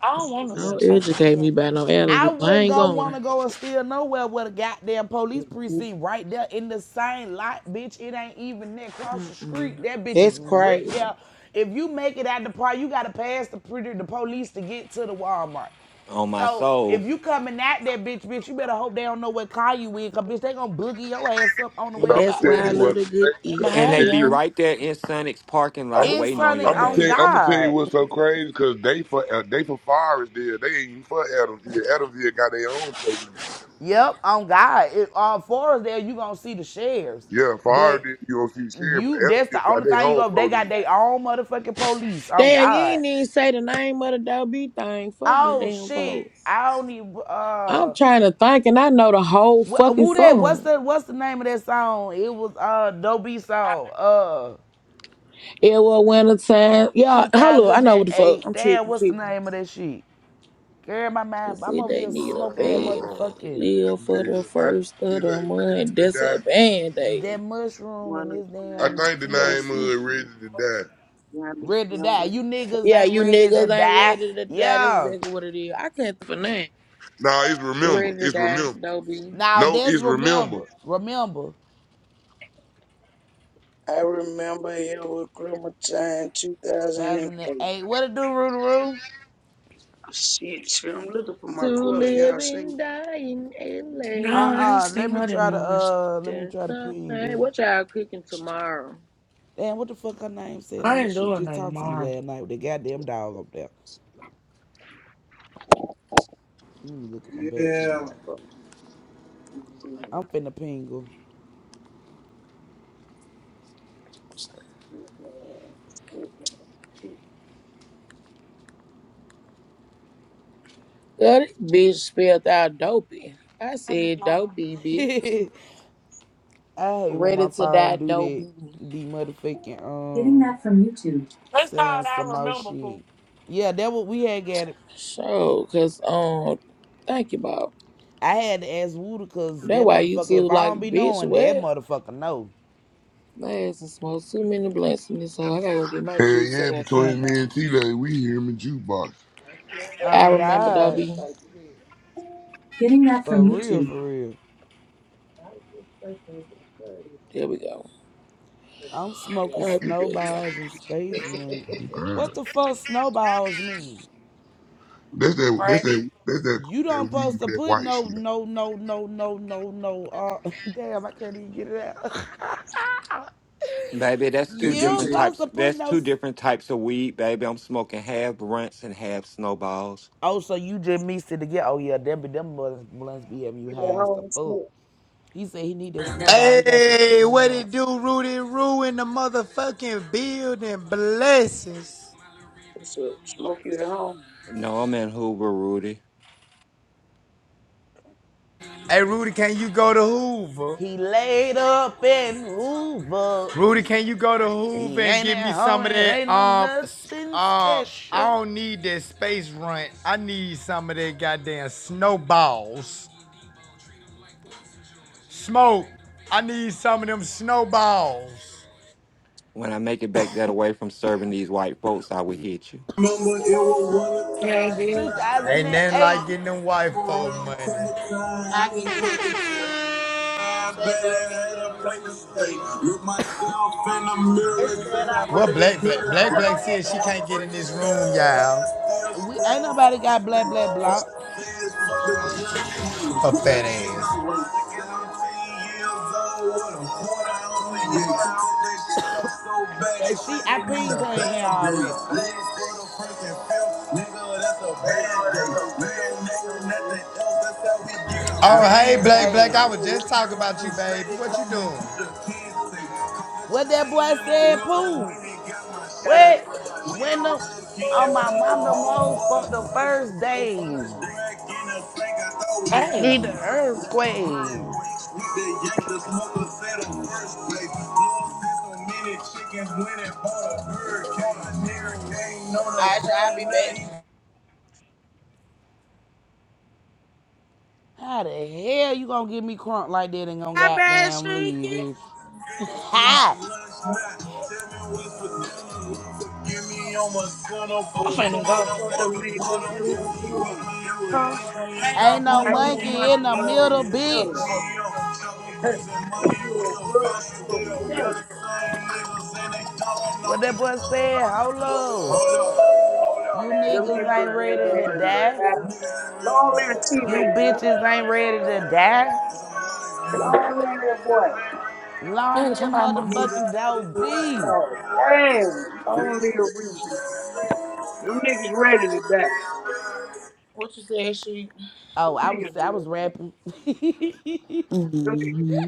Speaker 6: I don't want to go
Speaker 13: Yeah,
Speaker 1: Don't
Speaker 6: talk
Speaker 13: they
Speaker 6: about
Speaker 1: educate me
Speaker 6: them.
Speaker 1: by no
Speaker 5: I
Speaker 1: allergy. I
Speaker 5: wouldn't
Speaker 1: ain't
Speaker 5: go
Speaker 1: going.
Speaker 5: wanna go and steal nowhere with a goddamn police
Speaker 13: will.
Speaker 5: precinct right there in the same lot, bitch. It ain't even there. cross the street,
Speaker 1: Mm.
Speaker 5: that bitch is
Speaker 1: That's
Speaker 5: right
Speaker 1: crazy.
Speaker 5: there. If you make it out the park, you gotta pass the the police to get to the Walmart.
Speaker 2: On my
Speaker 5: So if
Speaker 2: soul.
Speaker 5: you coming at that bitch, bitch, you better hope they don't know what car you in, cause bitch, they gonna boogie your ass up on the
Speaker 12: But
Speaker 1: And
Speaker 5: way
Speaker 12: I'm
Speaker 5: up
Speaker 1: that's
Speaker 5: out
Speaker 1: why
Speaker 12: gonna
Speaker 5: that
Speaker 12: tell
Speaker 1: I
Speaker 12: you
Speaker 1: love
Speaker 12: what's
Speaker 1: the
Speaker 5: bitch.
Speaker 1: good
Speaker 12: crazy because
Speaker 6: But
Speaker 1: east
Speaker 12: the
Speaker 2: And
Speaker 6: hey,
Speaker 2: they
Speaker 1: side.
Speaker 2: be
Speaker 12: sheriff.
Speaker 6: young.
Speaker 2: right there in Sonic's parking lot
Speaker 12: I'm.
Speaker 5: It's
Speaker 2: waiting
Speaker 6: Huh?
Speaker 2: on
Speaker 12: I'm
Speaker 2: your
Speaker 5: Sonic
Speaker 12: gonna
Speaker 5: on
Speaker 12: tell you, I'm
Speaker 2: ass.
Speaker 12: gonna tell you
Speaker 5: God.
Speaker 12: what's so crazy because they for uh, they for Forest there. They ain't even for Adamsville. Adamsville got their own police.
Speaker 5: Yep, on God. If uh, far as there, you gonna see the sheriffs,
Speaker 12: Yeah, Favre
Speaker 5: but
Speaker 12: did UFC shit, but
Speaker 5: you that's
Speaker 12: Evans
Speaker 5: the
Speaker 12: got
Speaker 5: only
Speaker 12: their
Speaker 5: thing you
Speaker 12: own
Speaker 5: go. They got
Speaker 12: police.
Speaker 5: their own motherfucking police. On
Speaker 1: Damn, you
Speaker 5: God.
Speaker 1: ain't even say the name of the WB thing. Fuck them
Speaker 5: Oh
Speaker 1: damn
Speaker 5: shit!
Speaker 1: folks.
Speaker 5: I don't even
Speaker 1: I'm
Speaker 5: uh.
Speaker 1: trying to think and I know the whole
Speaker 5: Wh-
Speaker 1: fucking
Speaker 5: who that? What's
Speaker 1: song.
Speaker 5: the What's the name of that song? It was uh Dobie
Speaker 6: Hi.
Speaker 5: song. Uh,
Speaker 1: It was winter time. Yeah, hello, I know what the fuck.
Speaker 5: 2008.
Speaker 1: I'm
Speaker 5: Damn,
Speaker 1: tripping,
Speaker 5: what's the
Speaker 1: people.
Speaker 5: name of that shit? Girl, my
Speaker 1: They
Speaker 5: mind. I'm
Speaker 1: said
Speaker 5: over
Speaker 1: they
Speaker 5: here
Speaker 1: need a
Speaker 5: smoking that
Speaker 1: band
Speaker 12: Um,
Speaker 1: aid.
Speaker 5: motherfucking
Speaker 12: this
Speaker 1: Live for the
Speaker 12: nigga, I
Speaker 1: first of
Speaker 12: is
Speaker 1: the
Speaker 12: ain't ready
Speaker 1: month.
Speaker 12: to
Speaker 1: That's a
Speaker 12: die.
Speaker 1: band aid.
Speaker 5: that mushroom
Speaker 14: One
Speaker 5: and
Speaker 14: of
Speaker 5: this
Speaker 12: I
Speaker 14: time,
Speaker 5: damn
Speaker 12: think the name
Speaker 14: 2001
Speaker 5: THC
Speaker 12: uh ready
Speaker 5: shit.
Speaker 12: to die.
Speaker 5: ready to die.
Speaker 14: December.
Speaker 5: You niggas
Speaker 1: Yeah,
Speaker 5: ain't
Speaker 1: you
Speaker 5: ready to
Speaker 1: niggas ain't
Speaker 5: die.
Speaker 1: ready to die. That's
Speaker 5: Yeah.
Speaker 1: exactly what it is. I can't for nothing.
Speaker 12: Nah, it's remember.
Speaker 1: Ready to
Speaker 12: It's
Speaker 1: die,
Speaker 12: remember.
Speaker 1: Dobie.
Speaker 5: Now
Speaker 12: No,
Speaker 5: this,
Speaker 12: it's remember.
Speaker 5: remember. Remember.
Speaker 14: I remember I remember it was Christmas time, 2008.
Speaker 5: 2008. What it do, Roo Roo?
Speaker 14: Shit, shit, I'm looking for
Speaker 1: To
Speaker 14: my quarter.
Speaker 1: live
Speaker 14: Y'all seen?
Speaker 1: and die in
Speaker 6: No, I
Speaker 1: LA.
Speaker 6: ain't
Speaker 5: Uh-uh.
Speaker 6: seen
Speaker 5: Let me
Speaker 6: her that
Speaker 5: try to
Speaker 6: much.
Speaker 5: uh let me
Speaker 1: That's
Speaker 5: try to
Speaker 1: the
Speaker 5: ping her.
Speaker 1: pain. What y'all cooking tomorrow?
Speaker 5: Damn, what the fuck her name said
Speaker 6: I
Speaker 5: on here?
Speaker 6: ain't
Speaker 5: She was
Speaker 6: doing
Speaker 5: just
Speaker 6: that
Speaker 5: talking to me
Speaker 6: tomorrow.
Speaker 5: last night with that goddamn dog up there. Let me look at my back channel
Speaker 1: Yeah.
Speaker 5: right
Speaker 14: Fuck,
Speaker 5: quick.
Speaker 14: mm,
Speaker 5: I'm finna ping her.
Speaker 14: uh, You
Speaker 1: That bitch spelled out dopey. I
Speaker 6: Thank you,
Speaker 1: said
Speaker 6: Mom.
Speaker 1: dopey,
Speaker 5: [LAUGHS]
Speaker 1: bitch.
Speaker 5: I hate when
Speaker 1: Ready
Speaker 5: my
Speaker 1: to die,
Speaker 5: phone do
Speaker 1: dopey.
Speaker 5: that. Be motherfucking
Speaker 1: Getting
Speaker 5: um
Speaker 1: that from YouTube.
Speaker 6: That's
Speaker 5: saying
Speaker 6: all
Speaker 5: some
Speaker 6: I
Speaker 5: more
Speaker 6: remember, Pooh.
Speaker 5: shit. Yeah, that what we had got
Speaker 1: Sure, cause um, thank you, Bob.
Speaker 5: I had to ask Wooda cause
Speaker 1: That
Speaker 5: that
Speaker 1: why YouTube
Speaker 5: motherfucker, if I
Speaker 1: like,
Speaker 5: don't be
Speaker 1: bitch,
Speaker 5: knowing, that
Speaker 1: what?
Speaker 5: motherfucker know.
Speaker 1: My ass has smoked too many blunts in this hole. I gotta go get my
Speaker 12: Hell
Speaker 1: juice. I
Speaker 12: yeah,
Speaker 1: gotta
Speaker 12: between
Speaker 1: come
Speaker 12: me
Speaker 1: out.
Speaker 12: and T Lane, we hear him in jukebox.
Speaker 1: I
Speaker 5: Oh
Speaker 1: remember,
Speaker 5: God.
Speaker 1: Dobby. Getting that from
Speaker 5: For real,
Speaker 1: YouTube.
Speaker 5: for real.
Speaker 1: There we go.
Speaker 5: I'm smoking
Speaker 1: I'll be back, y'all.
Speaker 5: snowballs and space rings. What
Speaker 12: Alright.
Speaker 5: the fuck snowballs mean?
Speaker 12: That's that that's that that's that
Speaker 5: You
Speaker 12: that
Speaker 5: don't
Speaker 12: weed
Speaker 5: supposed
Speaker 12: with
Speaker 5: to
Speaker 12: that
Speaker 5: put
Speaker 12: white
Speaker 5: no
Speaker 12: shit
Speaker 5: no no no no no no uh [LAUGHS] damn I can't even get it out.
Speaker 2: Baby,
Speaker 5: [LAUGHS]
Speaker 2: that's
Speaker 1: The
Speaker 2: two
Speaker 5: you
Speaker 2: different
Speaker 1: DJ.
Speaker 5: supposed
Speaker 2: types.
Speaker 5: to put
Speaker 2: That's
Speaker 5: no
Speaker 2: two
Speaker 5: s-
Speaker 2: different types of weed, baby. I'm smoking half blunts and half snowballs.
Speaker 5: Oh, so you just mixed it together. Oh yeah, them be them blunts blunts be having you
Speaker 14: you
Speaker 5: high
Speaker 14: at
Speaker 5: as the
Speaker 14: home,
Speaker 5: fuck.
Speaker 14: smoke?
Speaker 5: He said he need that snowball, he got some
Speaker 8: Hey,
Speaker 5: spoon
Speaker 8: what it
Speaker 5: rock.
Speaker 8: do, Rudy Roo in the motherfucking building? Blessings.
Speaker 14: What's up? Smoke you at home?
Speaker 2: No, I'm in Hoover, Rudy.
Speaker 8: Hey, Rudy, can you go to Hoover?
Speaker 5: He laid up in Hoover.
Speaker 8: Rudy,
Speaker 14: Yeah,
Speaker 8: can you go
Speaker 14: but
Speaker 8: to
Speaker 14: I ain't think
Speaker 8: Hoover
Speaker 5: He
Speaker 8: and
Speaker 5: ain't
Speaker 8: give
Speaker 5: at
Speaker 8: me
Speaker 5: home
Speaker 8: some of
Speaker 5: and
Speaker 8: that?
Speaker 5: ain't no
Speaker 8: Um, s-
Speaker 5: nothing
Speaker 8: um, I
Speaker 5: special.
Speaker 8: don't need that space rent. I need some of that goddamn snowballs.
Speaker 14: so.
Speaker 8: Smoke. I need some of them snowballs.
Speaker 2: When I make it back that away from serving these white folks, I will hit you.
Speaker 1: Remember it was one
Speaker 6: Yeah, it
Speaker 1: time.
Speaker 6: did.
Speaker 8: Ain't nothing like
Speaker 5: 2008.
Speaker 8: getting them white folk money.
Speaker 1: I can catch I've been at a place to stay. Look myself in the mirror and
Speaker 14: Yeah,
Speaker 1: said I'd
Speaker 8: Well,
Speaker 1: rather be
Speaker 8: Black Black
Speaker 1: here
Speaker 8: Black
Speaker 14: I
Speaker 1: than Come
Speaker 8: Black
Speaker 14: think
Speaker 1: on here.
Speaker 8: said
Speaker 1: So
Speaker 8: she
Speaker 1: I
Speaker 8: can't get in
Speaker 1: turned
Speaker 8: this room, y'all.
Speaker 1: ass still
Speaker 5: We
Speaker 14: it was
Speaker 5: ain't
Speaker 1: scream for
Speaker 5: nobody
Speaker 1: the
Speaker 5: got blah
Speaker 14: mm,
Speaker 1: thing.
Speaker 5: blah
Speaker 1: For
Speaker 5: blah.
Speaker 14: it's
Speaker 1: the feds,
Speaker 14: fucking
Speaker 1: for the
Speaker 14: good. It's
Speaker 1: judge,
Speaker 14: just-
Speaker 1: who was
Speaker 8: Her
Speaker 1: good
Speaker 8: fat
Speaker 1: against my
Speaker 8: ass.
Speaker 1: way. 17 years old want a quarter ounce of
Speaker 14: one
Speaker 1: you.
Speaker 14: man, it's
Speaker 1: Cut that shit up so bad, they
Speaker 5: And
Speaker 1: say
Speaker 5: she, I
Speaker 1: they need
Speaker 5: pinged
Speaker 1: a
Speaker 5: her in here
Speaker 1: band aid.
Speaker 5: already.
Speaker 14: one.
Speaker 1: Legs for the first and fifth, nigga, that's a
Speaker 14: There's
Speaker 1: band
Speaker 14: a
Speaker 1: aid.
Speaker 14: room.
Speaker 1: We don't know
Speaker 14: I don't
Speaker 1: nothing
Speaker 14: know.
Speaker 1: else, that's how we get our
Speaker 5: I
Speaker 8: Oh,
Speaker 1: rent
Speaker 8: hey,
Speaker 5: ran
Speaker 1: paid.
Speaker 8: Black Black.
Speaker 1: I
Speaker 8: I
Speaker 5: paid.
Speaker 8: was
Speaker 1: was
Speaker 8: just
Speaker 1: working
Speaker 8: talking
Speaker 1: like
Speaker 8: about
Speaker 1: a
Speaker 8: you, baby.
Speaker 1: slave,
Speaker 8: What you
Speaker 1: call me
Speaker 8: doing?
Speaker 1: to the kids thing. Call the
Speaker 5: What that
Speaker 1: chain
Speaker 5: boy
Speaker 1: and a
Speaker 5: said,
Speaker 1: wheel and we
Speaker 5: Pooh?
Speaker 1: ain't got my
Speaker 14: Got
Speaker 1: shit.
Speaker 5: What?
Speaker 1: We ain't
Speaker 5: When the
Speaker 1: looking at
Speaker 5: on my mom the most for the first day.
Speaker 6: Hey,
Speaker 5: Need an earthquake.
Speaker 14: up.
Speaker 1: Alright, y'all, I be back.
Speaker 5: How the hell you gonna give me crunk like that and gonna
Speaker 1: My bad,
Speaker 5: goddamn
Speaker 1: Stinky.
Speaker 5: leave, bitch? [LAUGHS] Ha!
Speaker 14: I
Speaker 6: I'm
Speaker 14: was
Speaker 6: finna
Speaker 14: trying
Speaker 6: go.
Speaker 14: for the niggas who wrong.
Speaker 6: Huh?
Speaker 5: Ain't
Speaker 6: Leave
Speaker 5: no
Speaker 6: me
Speaker 14: Ain't
Speaker 6: alone.
Speaker 14: no
Speaker 5: monkey in the
Speaker 14: monkey in the
Speaker 5: middle,
Speaker 14: middle.
Speaker 5: bitch.
Speaker 14: [LAUGHS] if you a world, you a devil.
Speaker 5: What that boy said, hold up. You
Speaker 14: Them
Speaker 5: niggas
Speaker 14: niggas
Speaker 5: ain't
Speaker 14: ain't
Speaker 5: ready to
Speaker 14: ready to
Speaker 5: die.
Speaker 14: die. Long live TJ,
Speaker 5: You
Speaker 14: bitch.
Speaker 5: bitches ain't ready to die.
Speaker 14: Long live that boy.
Speaker 5: Long
Speaker 6: hey,
Speaker 5: live
Speaker 6: somebody must be
Speaker 5: motherfucking Dope B.
Speaker 14: God damn. Long live Reese, man. Them niggas ready to die.
Speaker 1: What you say, she?
Speaker 5: Oh,
Speaker 14: Them
Speaker 5: I
Speaker 14: niggas
Speaker 5: was
Speaker 14: ready
Speaker 5: I was
Speaker 14: to die.
Speaker 5: rapping. [LAUGHS]
Speaker 14: Them niggas
Speaker 1: Mhm.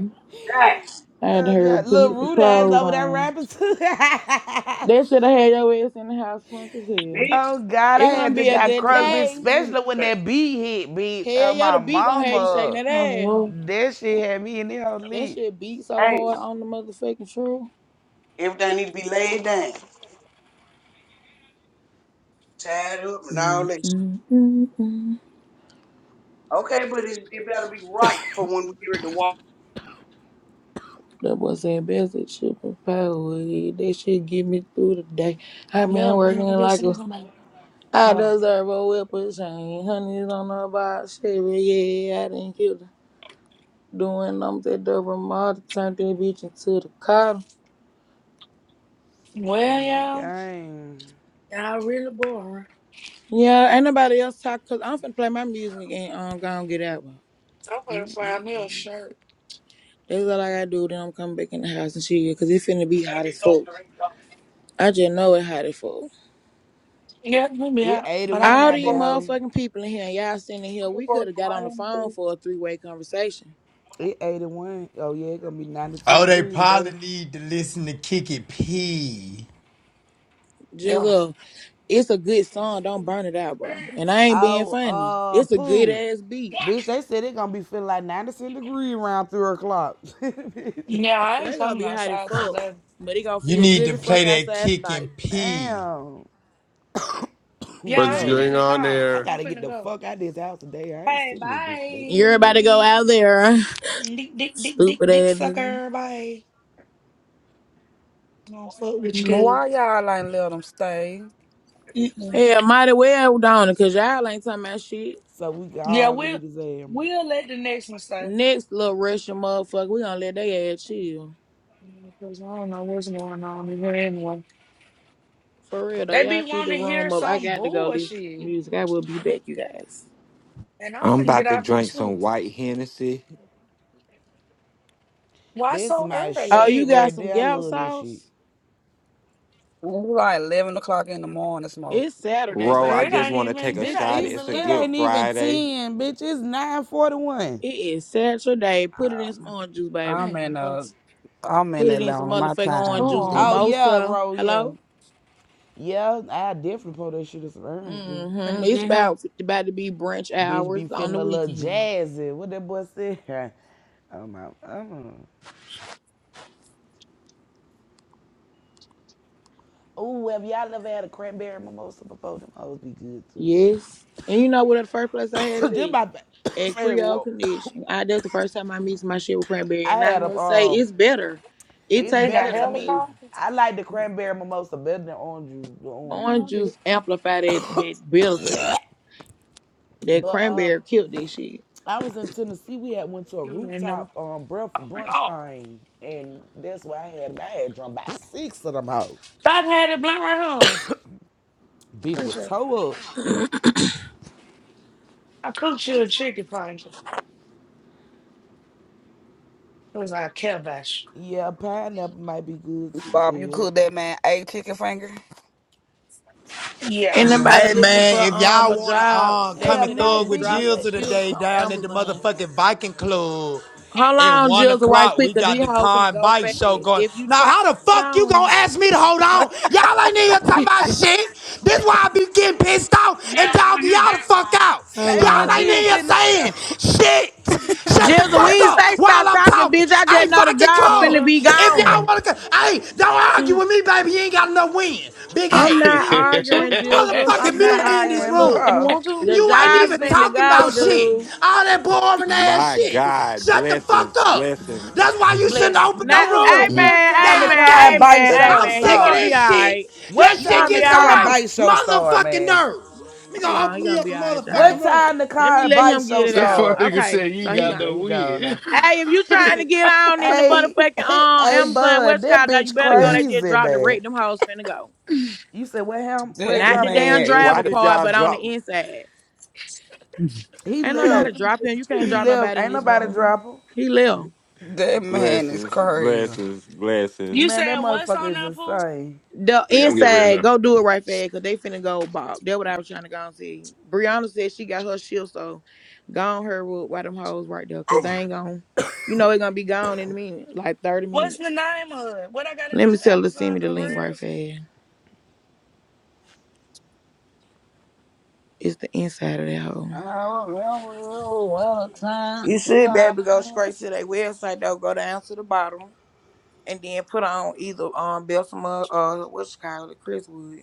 Speaker 14: die,
Speaker 1: I had to
Speaker 5: oh
Speaker 1: hurry up
Speaker 5: God,
Speaker 1: and
Speaker 5: little
Speaker 1: put some
Speaker 5: rude ass
Speaker 1: clothes
Speaker 5: over there
Speaker 1: on.
Speaker 5: rapping too. [LAUGHS]
Speaker 1: They should have had your ass in the house drunk as hell.
Speaker 14: bitch.
Speaker 5: Oh God, I
Speaker 1: It gonna
Speaker 5: had to
Speaker 1: be a
Speaker 14: Everything need
Speaker 5: got
Speaker 1: good
Speaker 14: to be
Speaker 5: Crosby,
Speaker 1: day.
Speaker 5: Especially when
Speaker 14: like,
Speaker 5: that beat hit, bitch. Oh
Speaker 1: Hell yeah,
Speaker 5: my
Speaker 1: the beat gonna have you shaking
Speaker 5: mama,
Speaker 1: that
Speaker 6: on the
Speaker 1: ass.
Speaker 6: roof.
Speaker 5: that shit had me in the whole
Speaker 1: That
Speaker 5: leak.
Speaker 1: shit beat so
Speaker 14: Hey,
Speaker 1: hard on the motherfucking true.
Speaker 14: everything need to be laid down, tied up, and all
Speaker 1: Mm,
Speaker 14: that
Speaker 1: mm, mm, mm.
Speaker 14: Okay, but it, it better be right for when we get ready to walk.
Speaker 1: That boy said best that shit from power. That shit get me through the day. i been
Speaker 6: Love
Speaker 1: working
Speaker 6: me. I just
Speaker 1: like
Speaker 6: seen
Speaker 1: a
Speaker 6: somebody.
Speaker 1: I
Speaker 6: Oh.
Speaker 1: deserve a whip of chain. Honey's on the box, shit, but yeah, I didn't kill her. Doing them that double model, turned that bitch into the car.
Speaker 6: Well, y'all,
Speaker 5: Gang,
Speaker 6: Y'all really boring.
Speaker 1: Yeah, ain't nobody else talk because I'm finna play my music and um go and get out one.
Speaker 6: I'm finna find me a shirt.
Speaker 1: That's all I gotta do. Then I'm coming back in the house and shit because it finna be hot as fuck. I just know it hot as fuck.
Speaker 6: Yeah, it's gonna be
Speaker 5: it
Speaker 6: hot. But I,
Speaker 5: 81
Speaker 1: All
Speaker 5: out
Speaker 1: these
Speaker 5: there, hoe.
Speaker 1: motherfucking people in here, y'all sitting in here, we could have got on the phone for a three way conversation.
Speaker 5: It 81. Oh yeah, it gonna be 92
Speaker 8: Oh, they
Speaker 5: degree today.
Speaker 8: probably need to listen to Kick It P.
Speaker 1: Just
Speaker 6: Yeah.
Speaker 1: uh, it's a good song. Don't burn it out, bro. And I ain't being
Speaker 5: Oh
Speaker 1: funny.
Speaker 5: uh,
Speaker 1: It's a good
Speaker 5: poo,
Speaker 1: ass beat.
Speaker 5: bitch. They said it gonna be feeling like 97 degree around three o'clock. [LAUGHS] Bitch.
Speaker 6: yeah, I ain't
Speaker 1: They gonna
Speaker 6: coming
Speaker 1: be hot as
Speaker 6: outside till
Speaker 1: fuck,
Speaker 6: 11.
Speaker 1: but it gonna
Speaker 8: You
Speaker 1: feel
Speaker 8: need
Speaker 1: good
Speaker 8: to
Speaker 1: as fuck
Speaker 8: play that
Speaker 1: outside
Speaker 8: Kick and
Speaker 1: tonight.
Speaker 8: P.
Speaker 5: Damn, [CLEARS THROAT]
Speaker 6: Yeah,
Speaker 15: What's
Speaker 6: I ain't
Speaker 5: bro.
Speaker 6: in
Speaker 15: going
Speaker 6: the
Speaker 15: on
Speaker 6: town.
Speaker 5: I
Speaker 15: here?
Speaker 6: I'm
Speaker 5: gotta get
Speaker 6: finna
Speaker 5: the
Speaker 6: go.
Speaker 5: fuck out of this house today. I ain't
Speaker 6: Hey,
Speaker 5: sitting there, bitch. They fuck
Speaker 1: Everybody
Speaker 5: that.
Speaker 1: go
Speaker 6: bye.
Speaker 1: out there,
Speaker 6: Dick, dick,
Speaker 1: [LAUGHS]
Speaker 6: dick, dick,
Speaker 1: stupid
Speaker 6: dick
Speaker 1: ass nigga.
Speaker 6: sucker. Bye. I don't fuck with you,
Speaker 16: Why y'all ain't let them stay? It
Speaker 6: kid.
Speaker 1: Yeah, mighty well down because y'all ain't talking about shit.
Speaker 5: So we can
Speaker 6: Yeah,
Speaker 5: argue
Speaker 6: we'll
Speaker 5: with his ass.
Speaker 6: we'll let the next one say.
Speaker 1: Next little Russian motherfucker, we gonna let they ass chill.
Speaker 6: Because I don't know what's going on in here anyway.
Speaker 1: For real though,
Speaker 6: They be
Speaker 1: y'all keep the
Speaker 6: wanting to hear
Speaker 1: room up. I
Speaker 6: some
Speaker 1: got to go listen to
Speaker 6: bullshit.
Speaker 1: music. I will be back, you guys.
Speaker 6: And I
Speaker 2: I'm
Speaker 6: couldn't get
Speaker 2: about to
Speaker 6: out here
Speaker 2: drink
Speaker 6: too.
Speaker 2: some white Hennessy.
Speaker 6: Why
Speaker 5: That's
Speaker 6: so
Speaker 5: my
Speaker 1: Oh,
Speaker 6: early?
Speaker 1: you
Speaker 5: shit
Speaker 1: got
Speaker 5: right
Speaker 1: some
Speaker 5: there. I
Speaker 1: gap
Speaker 5: love this shit.
Speaker 1: sauce?
Speaker 16: was like eleven o'clock in the morning. Smoke.
Speaker 1: It's Saturday,
Speaker 2: Ro, I
Speaker 6: It
Speaker 1: baby.
Speaker 2: just
Speaker 6: ain't
Speaker 2: want to take
Speaker 6: even
Speaker 2: a
Speaker 6: it
Speaker 5: Bitch,
Speaker 6: ain't
Speaker 2: shot.
Speaker 5: it's
Speaker 6: even
Speaker 2: It's a
Speaker 5: it
Speaker 2: good
Speaker 6: left.
Speaker 5: ain't even
Speaker 2: Friday.
Speaker 5: 10, bitch. It's 941.
Speaker 1: It is Saturday. Put it in some
Speaker 16: Um,
Speaker 1: orange juice, baby.
Speaker 16: I'm in
Speaker 6: Man,
Speaker 16: uh,
Speaker 6: that's
Speaker 16: I'm in
Speaker 1: Put it in some
Speaker 16: Atlanta. My
Speaker 1: motherfucking
Speaker 6: too
Speaker 1: orange
Speaker 16: time.
Speaker 1: juice
Speaker 5: Oh
Speaker 6: long.
Speaker 5: yeah,
Speaker 1: mimosa.
Speaker 5: bro, yeah.
Speaker 1: Hello?
Speaker 5: Yeah, I definitely pull that shit as an orange juice.
Speaker 6: Can
Speaker 1: Mm-hmm.
Speaker 6: you
Speaker 1: It's
Speaker 6: get him?
Speaker 1: about about to be brunch
Speaker 5: Bitch
Speaker 1: hours
Speaker 5: be
Speaker 1: on
Speaker 5: feeling
Speaker 1: the
Speaker 5: a little
Speaker 1: weekend.
Speaker 5: jazzy. What that boy said? [LAUGHS] oh my oh. Ooh, have y'all ever had a cranberry mimosa before? Them hoes be good too.
Speaker 1: Yes. And you know what the first place I had it
Speaker 5: [LAUGHS] Just
Speaker 1: at?
Speaker 5: my
Speaker 1: at
Speaker 5: favorite
Speaker 1: Creole
Speaker 5: [COUGHS]
Speaker 1: Connection. I that's the first time I mixed my shit with cranberry,
Speaker 5: I
Speaker 1: and I
Speaker 5: had a
Speaker 1: must say
Speaker 5: um
Speaker 1: it's better. It
Speaker 5: It's
Speaker 6: They
Speaker 1: tastes
Speaker 6: got
Speaker 5: better to
Speaker 1: better
Speaker 5: me.
Speaker 1: because
Speaker 6: helicopters.
Speaker 5: I like the cranberry mimosa better than orange juice, the
Speaker 6: I
Speaker 5: orange
Speaker 6: didn't
Speaker 5: one.
Speaker 1: orange
Speaker 6: know that.
Speaker 1: juice amplified that that bitter taste. That
Speaker 5: But uh,
Speaker 1: cranberry killed that shit.
Speaker 5: I was in Tennessee. We had went to a
Speaker 6: You didn't know.
Speaker 5: rooftop um breath brunch
Speaker 6: Oh,
Speaker 5: thing, and that's where I had I had drunk by six of them hoes.
Speaker 6: Bob had it blunt right home.
Speaker 5: Bitch was
Speaker 6: Appreciate it.
Speaker 5: toe up.
Speaker 6: I cooked you a chicken finger. It was like a kibosh.
Speaker 5: Yeah, pineapple might be good too,
Speaker 16: Bob, you
Speaker 5: ill.
Speaker 16: cook that man a chicken finger.
Speaker 6: Yeah.
Speaker 1: Anybody
Speaker 8: Hey
Speaker 1: looking for
Speaker 8: man, if
Speaker 1: um
Speaker 8: y'all
Speaker 1: a
Speaker 8: wanna
Speaker 1: job?
Speaker 8: uh,
Speaker 1: They
Speaker 5: Yeah,
Speaker 8: come and
Speaker 1: said they
Speaker 5: might
Speaker 8: thug
Speaker 1: just
Speaker 8: with
Speaker 5: be cause
Speaker 1: dropped
Speaker 8: Jill
Speaker 1: some
Speaker 5: it.
Speaker 8: to the
Speaker 5: [COUGHS]
Speaker 1: shifts
Speaker 8: day
Speaker 1: on
Speaker 8: down at the
Speaker 1: Amazon.
Speaker 8: motherfucking Viking Club
Speaker 1: Hold
Speaker 8: at
Speaker 1: on,
Speaker 8: one
Speaker 1: Jill's right
Speaker 8: o'clock, we
Speaker 1: quick, cause
Speaker 8: got
Speaker 1: these
Speaker 8: the
Speaker 1: hoes
Speaker 8: car
Speaker 1: finna
Speaker 8: and
Speaker 1: go
Speaker 8: bike
Speaker 1: fast.
Speaker 8: show going.
Speaker 1: If you
Speaker 8: Now
Speaker 1: try
Speaker 8: how the
Speaker 1: it
Speaker 8: fuck you gonna
Speaker 1: on,
Speaker 8: ask me to hold on? Y'all ain't in here talking about shit. This why I be getting pissed off
Speaker 6: Yeah,
Speaker 8: and
Speaker 6: Pooh,
Speaker 8: dogging
Speaker 6: you're
Speaker 8: y'all the
Speaker 6: that
Speaker 8: fuck
Speaker 6: wrong.
Speaker 8: out.
Speaker 1: hold
Speaker 5: Say
Speaker 8: Y'all
Speaker 5: what
Speaker 6: You're
Speaker 8: ain't
Speaker 1: on.
Speaker 8: in
Speaker 6: that
Speaker 5: you
Speaker 8: here
Speaker 5: finna,
Speaker 6: wrong for
Speaker 8: saying
Speaker 6: that
Speaker 8: shit. Shut the
Speaker 1: Jizzle, we
Speaker 8: fuck
Speaker 1: ain't
Speaker 8: up
Speaker 1: say
Speaker 8: while
Speaker 1: stop
Speaker 8: I'm
Speaker 1: talking,
Speaker 8: talking.
Speaker 1: bitch. I
Speaker 8: Hey,
Speaker 1: just know the
Speaker 8: Viking
Speaker 1: job's
Speaker 6: one. You wanna
Speaker 1: finna
Speaker 8: Club,
Speaker 6: go?
Speaker 1: be
Speaker 8: if y'all
Speaker 1: gone.
Speaker 8: wanna come, hey, don't argue
Speaker 6: You
Speaker 8: with me, baby. You ain't got enough wind. Big
Speaker 7: [LAUGHS]
Speaker 1: I'm
Speaker 8: ass
Speaker 6: you
Speaker 1: not
Speaker 6: want to?
Speaker 1: arguing, Jizzle.
Speaker 5: [COUGHS]
Speaker 7: that
Speaker 8: motherfucking
Speaker 1: I'm not
Speaker 8: mute me in this
Speaker 1: arguing.
Speaker 5: man,
Speaker 8: room.
Speaker 1: Look,
Speaker 6: you
Speaker 5: bro.
Speaker 6: want to?
Speaker 1: the
Speaker 8: You ain't
Speaker 5: This
Speaker 1: job's
Speaker 8: even
Speaker 5: nigga
Speaker 1: finna
Speaker 8: talking
Speaker 1: go,
Speaker 5: [COUGHS]
Speaker 8: about shit.
Speaker 1: dude.
Speaker 8: All that boring ass
Speaker 2: My
Speaker 8: shit.
Speaker 2: God,
Speaker 8: Shut the fuck
Speaker 2: blessings,
Speaker 8: up.
Speaker 2: blessings.
Speaker 8: That's why you shouldn't
Speaker 6: Bless me.
Speaker 8: open no
Speaker 1: Not,
Speaker 5: just a
Speaker 1: hey
Speaker 8: room.
Speaker 5: one
Speaker 1: man,
Speaker 5: time
Speaker 1: hey
Speaker 5: the
Speaker 8: God
Speaker 1: man,
Speaker 5: car and
Speaker 1: hey
Speaker 8: damn.
Speaker 5: bike
Speaker 1: man, hey
Speaker 5: show
Speaker 7: that
Speaker 8: I'm
Speaker 1: man. You
Speaker 8: sick of
Speaker 1: gonna be
Speaker 5: started.
Speaker 1: all
Speaker 8: this shit.
Speaker 1: right.
Speaker 8: That
Speaker 5: What
Speaker 1: You
Speaker 8: shit
Speaker 1: gonna
Speaker 5: time the
Speaker 1: be
Speaker 8: gets
Speaker 1: all
Speaker 8: on
Speaker 5: car and
Speaker 8: my
Speaker 1: right.
Speaker 5: bike show start,
Speaker 8: motherfucking
Speaker 5: man?
Speaker 8: nerves.
Speaker 1: Hold
Speaker 8: Nigga,
Speaker 1: on,
Speaker 8: open
Speaker 1: you
Speaker 8: me
Speaker 1: gonna
Speaker 8: up
Speaker 1: be
Speaker 8: a
Speaker 1: all right,
Speaker 8: motherfucking
Speaker 5: What
Speaker 1: y'all.
Speaker 8: room.
Speaker 5: time the
Speaker 1: Let
Speaker 5: car
Speaker 1: me
Speaker 5: and
Speaker 1: let
Speaker 5: bike
Speaker 1: him
Speaker 5: show
Speaker 1: get it out.
Speaker 7: fuck
Speaker 5: start?
Speaker 7: nigga
Speaker 1: Okay,
Speaker 7: said you
Speaker 1: so
Speaker 7: ain't
Speaker 5: There
Speaker 1: he
Speaker 5: you
Speaker 7: got
Speaker 1: gone.
Speaker 5: go,
Speaker 7: no
Speaker 5: he gone
Speaker 7: win.
Speaker 5: now.
Speaker 1: Hey, if you
Speaker 5: [LAUGHS]
Speaker 1: trying to get on in the
Speaker 5: hey, [LAUGHS]
Speaker 1: motherfucking um
Speaker 5: hey,
Speaker 1: Amazon
Speaker 5: bud, that
Speaker 1: Westcott, though, you
Speaker 5: bitch
Speaker 1: better go. They just
Speaker 5: crazy,
Speaker 1: dropped the
Speaker 5: man.
Speaker 1: rate. Them hoes finna go.
Speaker 5: You said what him? Where
Speaker 16: That
Speaker 1: Not the
Speaker 5: drop? Where
Speaker 1: damn
Speaker 16: man
Speaker 5: where?
Speaker 16: is
Speaker 2: Why
Speaker 1: driver
Speaker 2: did
Speaker 1: part,
Speaker 2: y'all
Speaker 1: but on the
Speaker 2: drop
Speaker 1: inside.
Speaker 5: He
Speaker 1: Ain't nobody
Speaker 5: left.
Speaker 1: dropping. You can't
Speaker 5: He
Speaker 1: drop
Speaker 5: left.
Speaker 1: nobody in
Speaker 5: Ain't
Speaker 1: this
Speaker 5: nobody
Speaker 1: room.
Speaker 5: drop him.
Speaker 1: He left.
Speaker 16: that man is
Speaker 2: blessings,
Speaker 16: crazy.
Speaker 2: blessings, blessings?
Speaker 6: You
Speaker 5: Man, that
Speaker 6: said what's
Speaker 5: motherfucker
Speaker 6: on
Speaker 5: is
Speaker 6: that pool?
Speaker 5: insane.
Speaker 1: The
Speaker 7: [LAUGHS]
Speaker 1: inside, go do it right fast, cause they finna go bop. That's what I was trying to go and see. Brianna said she got her shield, so gone her with why them hoes right there, cause they ain't gonna, you know, it gonna be gone in a minute, like thirty
Speaker 6: What's the
Speaker 1: minutes.
Speaker 6: name of it? What I gotta do?
Speaker 1: Let me tell her to send
Speaker 6: Amazon
Speaker 1: me the link right
Speaker 6: careers?
Speaker 1: fast. It's the inside of that hole.
Speaker 16: I don't remember what time.
Speaker 1: You should be able to go straight to their website though. Go down to the bottom and then put on either um Belsom or uh, what's called Chris Wood.